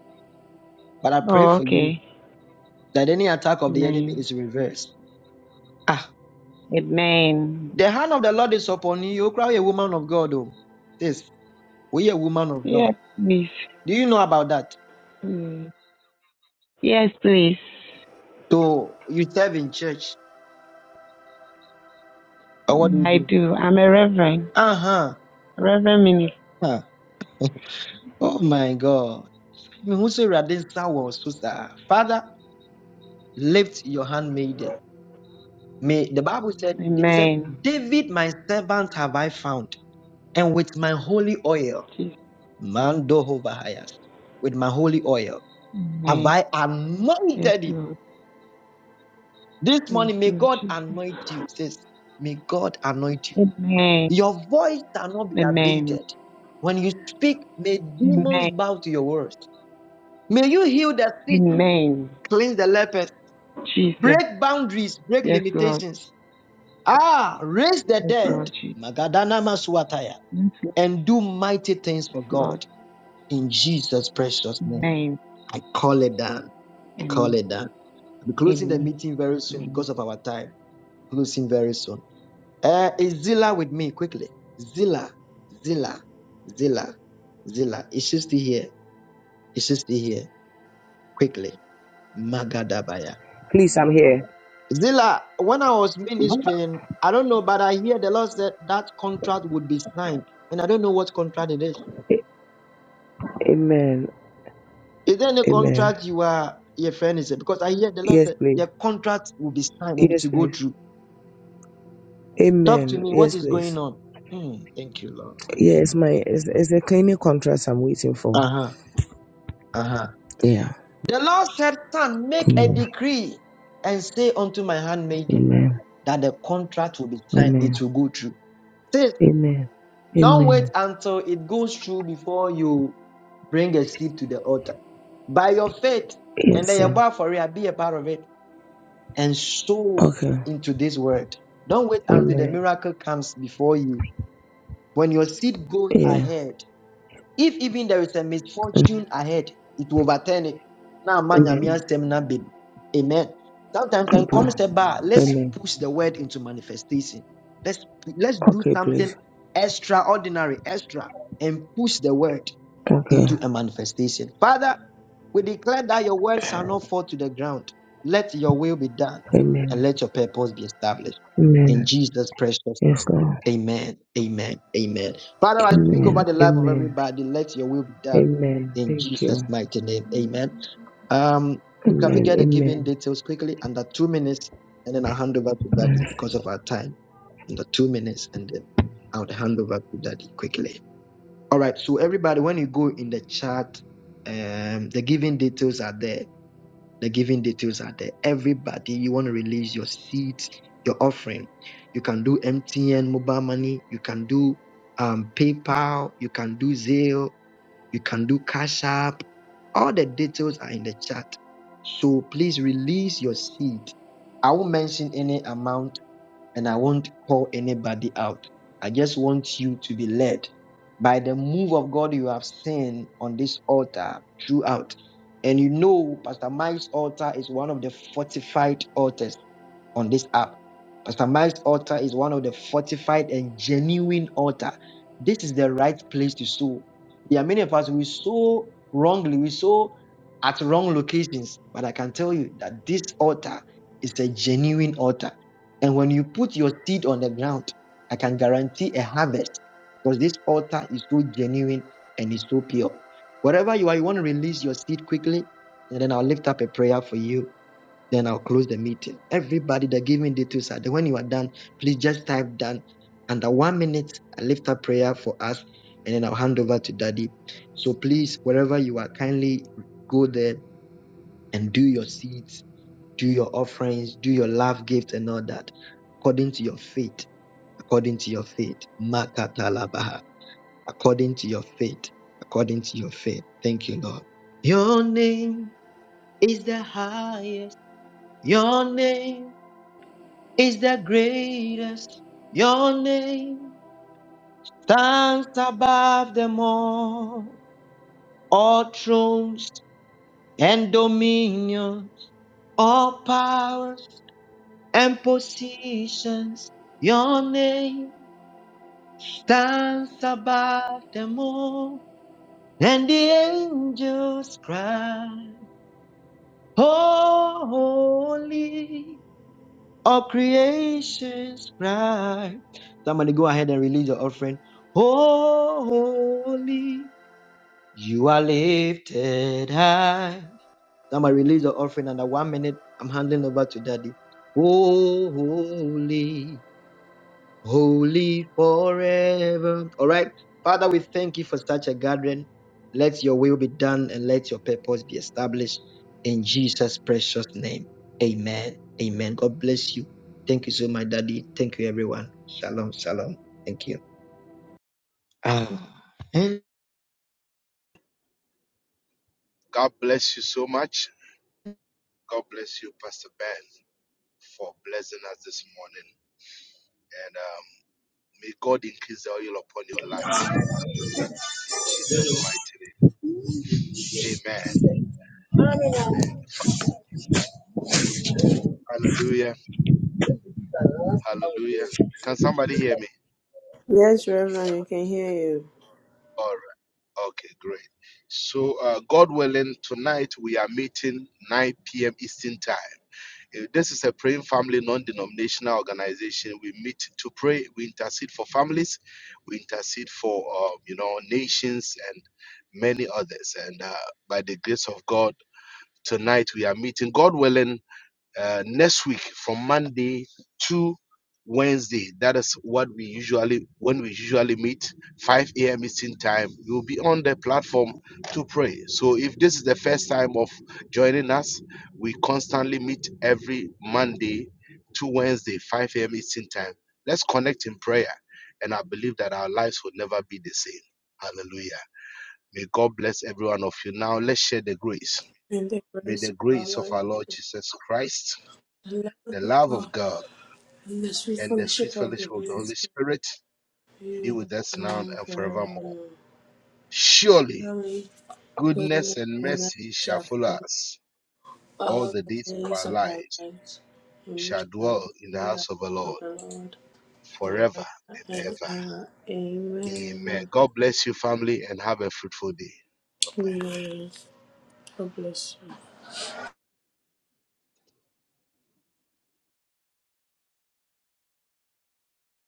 Speaker 2: But I pray
Speaker 4: Oh,
Speaker 2: for you
Speaker 4: okay.
Speaker 2: that any attack of the enemy
Speaker 4: Amen.
Speaker 2: is reversed. Ah,
Speaker 4: Amen.
Speaker 2: the hand of the Lord is upon you. You cry a woman of God. Oh. This. We are woman of God.
Speaker 4: Yes, please.
Speaker 2: Do you know about that?
Speaker 4: Mm. Yes, please.
Speaker 2: So you serve in church, or what do
Speaker 4: Yeah,
Speaker 2: you
Speaker 4: I
Speaker 2: do?
Speaker 4: do. I'm a reverend.
Speaker 2: Uh huh.
Speaker 4: Reverend minister.
Speaker 2: Huh. Oh my God. Me who say Radin Star was so Father, lift your handmaiden. May the Bible said he said,
Speaker 4: Amen.
Speaker 2: David, my servant, have I found, and with my holy oil,
Speaker 4: Jesus.
Speaker 2: man dohovahayas, with my holy oil, have
Speaker 4: Amen.
Speaker 2: I
Speaker 4: Yes,
Speaker 2: anointed him.
Speaker 4: Lord.
Speaker 2: This
Speaker 4: Yes,
Speaker 2: morning, may
Speaker 4: Lord
Speaker 2: God
Speaker 4: Jesus.
Speaker 2: anoint you, says, may God anoint you
Speaker 4: Amen.
Speaker 2: Your voice shall not be
Speaker 4: Amen.
Speaker 2: abated. When you speak, may demons
Speaker 4: Amen.
Speaker 2: bow to your words. May you heal the sick,
Speaker 4: Amen.
Speaker 2: cleanse the lepers,
Speaker 4: Jesus.
Speaker 2: break boundaries, break
Speaker 4: Yes, Lord.
Speaker 2: limitations. Ah, raise the
Speaker 4: Yes, Lord
Speaker 2: dead,
Speaker 4: Jesus.
Speaker 2: Magadana Maswataya,
Speaker 4: Yes, Lord.
Speaker 2: and do mighty things for
Speaker 4: Lord's
Speaker 2: God. In Jesus' precious name,
Speaker 4: name.
Speaker 2: I call it down. I call
Speaker 4: Amen.
Speaker 2: it down. I'll be closing the
Speaker 4: Amen.
Speaker 2: meeting very soon
Speaker 4: Amen.
Speaker 2: because of our time. Closing very soon. Uh, is Zilla with me quickly? Zilla, Zilla, Zilla, Zilla. Is she still here? Is she still here? Quickly. Magadabaya.
Speaker 8: Please, I'm here.
Speaker 2: Zilla, when I was ministering, I don't know, but I hear the Lord said that contract would be signed, and I don't know what contract it is.
Speaker 8: Amen.
Speaker 2: Is there any
Speaker 8: Amen.
Speaker 2: contract you are your friend is it? Because I hear the Lord
Speaker 8: Yes,
Speaker 2: that
Speaker 8: please.
Speaker 2: the contract will be signed and it
Speaker 8: Yes,
Speaker 2: will
Speaker 8: please.
Speaker 2: go through. Talk to
Speaker 8: Amen.
Speaker 2: me. What
Speaker 8: Yes,
Speaker 2: is going
Speaker 8: please.
Speaker 2: on? Hmm, thank you, Lord.
Speaker 8: Yeah, it's my it's, it's the cleaning contract I'm waiting for.
Speaker 2: Uh huh. Uh huh.
Speaker 8: Yeah.
Speaker 2: The Lord said, Son, make a
Speaker 8: Amen.
Speaker 2: decree and say unto my handmaiden
Speaker 8: Amen.
Speaker 2: that the contract will be signed,
Speaker 8: Amen.
Speaker 2: it will go through. Sis,
Speaker 8: Amen.
Speaker 2: don't wait
Speaker 8: Amen.
Speaker 2: until it goes through before you bring a seed to the altar. By your faith, and
Speaker 8: Yes,
Speaker 2: then
Speaker 8: sir.
Speaker 2: your bar for it, be a part of it, and sow
Speaker 8: Okay.
Speaker 2: into this word. Don't wait until the
Speaker 8: Amen.
Speaker 2: miracle comes before you. When your seed goes
Speaker 8: Yeah.
Speaker 2: ahead, If even there is a
Speaker 8: Mm.
Speaker 2: misfortune ahead, it will overturn it. Now, man, nyame
Speaker 8: Amen.
Speaker 2: asɛm na bem. Amen. Sometimes when
Speaker 8: Papa.
Speaker 2: comes a let's
Speaker 8: Amen.
Speaker 2: push the word into manifestation. Let's let's do
Speaker 8: Okay,
Speaker 2: something
Speaker 8: please.
Speaker 2: extraordinary, extra, and push the word
Speaker 8: Okay.
Speaker 2: into a manifestation. Father, we declare that your words shall not fall to the ground. Let your will be done and
Speaker 8: Amen.
Speaker 2: let your purpose be established. In
Speaker 8: Amen.
Speaker 2: Jesus' precious name.
Speaker 8: Yes, Lord.
Speaker 2: Amen. Amen. Amen. Father, I speak
Speaker 8: Amen.
Speaker 2: over the life of
Speaker 8: Amen.
Speaker 2: everybody. Let your will be done
Speaker 8: Amen.
Speaker 2: in
Speaker 8: Thank
Speaker 2: Jesus'
Speaker 8: you.
Speaker 2: mighty name. Amen. Um, Luke, can we
Speaker 8: Amen.
Speaker 2: get the giving
Speaker 8: Amen.
Speaker 2: details quickly under two minutes? And then I'll hand over to Daddy
Speaker 8: Mm.
Speaker 2: because of our time. Under two minutes, and then I'll hand over to Daddy quickly. All right. So everybody, when you go in the chat, um, the giving details are there. The giving details are there. Everybody, you want to release your seeds, your offering. You can do MTN mobile money. You can do um, PayPal. You can do Zelle. You can do Cash App. All the details are in the chat. So please release your seed. I won't mention any amount and I won't call anybody out. I just want you to be led by the move of God you have seen on this altar throughout. And you know, Pastor Mike's altar is one of the fortified altars on this app. Pastor Mike's altar is one of the fortified and genuine altar. This is the right place to sow. There are many of us we sow wrongly, we sow at wrong locations, but I can tell you that this altar is a genuine altar. And when you put your seed on the ground, I can guarantee a harvest because this altar is so genuine and it's so pure. Wherever you are, you want to release your seed quickly, and then I'll lift up a prayer for you then I'll close the meeting. Everybody that gave me details, and when you are done, please just type done. Under one minute, I lift up prayer for us, and then I'll hand over to Daddy. So please, wherever you are, kindly go there and do your seeds, do your offerings, do your love gift, and all that, according to your faith. According to your faith, Makatalabaha. According to your faith, according to your faith. Thank you, Lord. Your name is the highest. Your name is the greatest. Your name stands above them all. All thrones and dominions, all powers and positions. Your name stands above them all. And the angels cry, Holy. All creations cry. Somebody go ahead and release your offering. Holy, you are lifted high. Somebody release your offering under one minute. I'm handing over to daddy. Holy holy forever. All right. Father, we thank you for such a gathering. Let your will be done and let your purpose be established in Jesus' precious name. Amen. Amen. God bless you. Thank you so much, Daddy. Thank you, everyone. Shalom. Shalom. Thank you. Amen.
Speaker 1: God bless you so much. God bless you, Pastor Ben, for blessing us this morning. And um, may God increase the oil upon your life. In Jesus' mighty name. Amen. Amen. Hallelujah. Hallelujah. Can somebody hear me?
Speaker 5: Yes, Reverend, I can hear you.
Speaker 1: All right. Okay, great. So, uh, God willing, tonight we are meeting 9 p.m. Eastern Time. Uh, This is a praying family non denominational organization. We meet to pray, we intercede for families, we intercede for, uh, you know, nations and many others. And uh, by the grace of God, tonight we are meeting, God willing. uh, next week from Monday to Wednesday. That is what we usually when we usually meet 5 a.m. Eastern time. You will be on the platform to pray. So if this is the first time of joining us, we constantly meet every Monday to Wednesday 5 a.m. Eastern time. Let's connect in prayer, and I believe that our lives will never be the same. Hallelujah. May God bless every one of you. Now let's share the grace.
Speaker 5: In the
Speaker 1: May
Speaker 5: grace
Speaker 1: the
Speaker 5: of our
Speaker 1: grace of
Speaker 5: Lord,
Speaker 1: our Lord
Speaker 5: Jesus,
Speaker 1: Jesus Christ
Speaker 5: the love
Speaker 1: the
Speaker 5: of
Speaker 1: love
Speaker 5: God,
Speaker 1: of God
Speaker 5: and the sweet
Speaker 1: and the sweet
Speaker 5: fellowship of the
Speaker 1: fellowship of the
Speaker 5: Holy
Speaker 1: Holy
Speaker 5: Spirit
Speaker 1: Spirit
Speaker 5: be
Speaker 1: be
Speaker 5: with us
Speaker 1: with us
Speaker 5: now
Speaker 1: now
Speaker 5: and
Speaker 1: and forevermore.
Speaker 5: forevermore.
Speaker 1: Surely
Speaker 5: Holy goodness
Speaker 1: goodness and
Speaker 5: and mercy
Speaker 1: mercy shall
Speaker 5: shall
Speaker 1: follow
Speaker 5: follow us
Speaker 1: us all
Speaker 5: all
Speaker 1: the
Speaker 5: the
Speaker 1: days of
Speaker 5: days
Speaker 1: our
Speaker 5: of our
Speaker 1: lives.
Speaker 5: lives,
Speaker 1: We
Speaker 5: and we
Speaker 1: shall
Speaker 5: shall
Speaker 1: dwell
Speaker 5: dwell
Speaker 1: in the
Speaker 5: in the
Speaker 1: house
Speaker 5: house
Speaker 1: of the
Speaker 5: of
Speaker 1: Lord
Speaker 5: the Lord
Speaker 1: forever
Speaker 5: forever
Speaker 1: and
Speaker 5: and
Speaker 1: ever.
Speaker 5: ever.
Speaker 1: Amen.
Speaker 5: Amen.
Speaker 1: God bless you, family, and have a fruitful day. Bye bye.
Speaker 5: Amen. God bless you.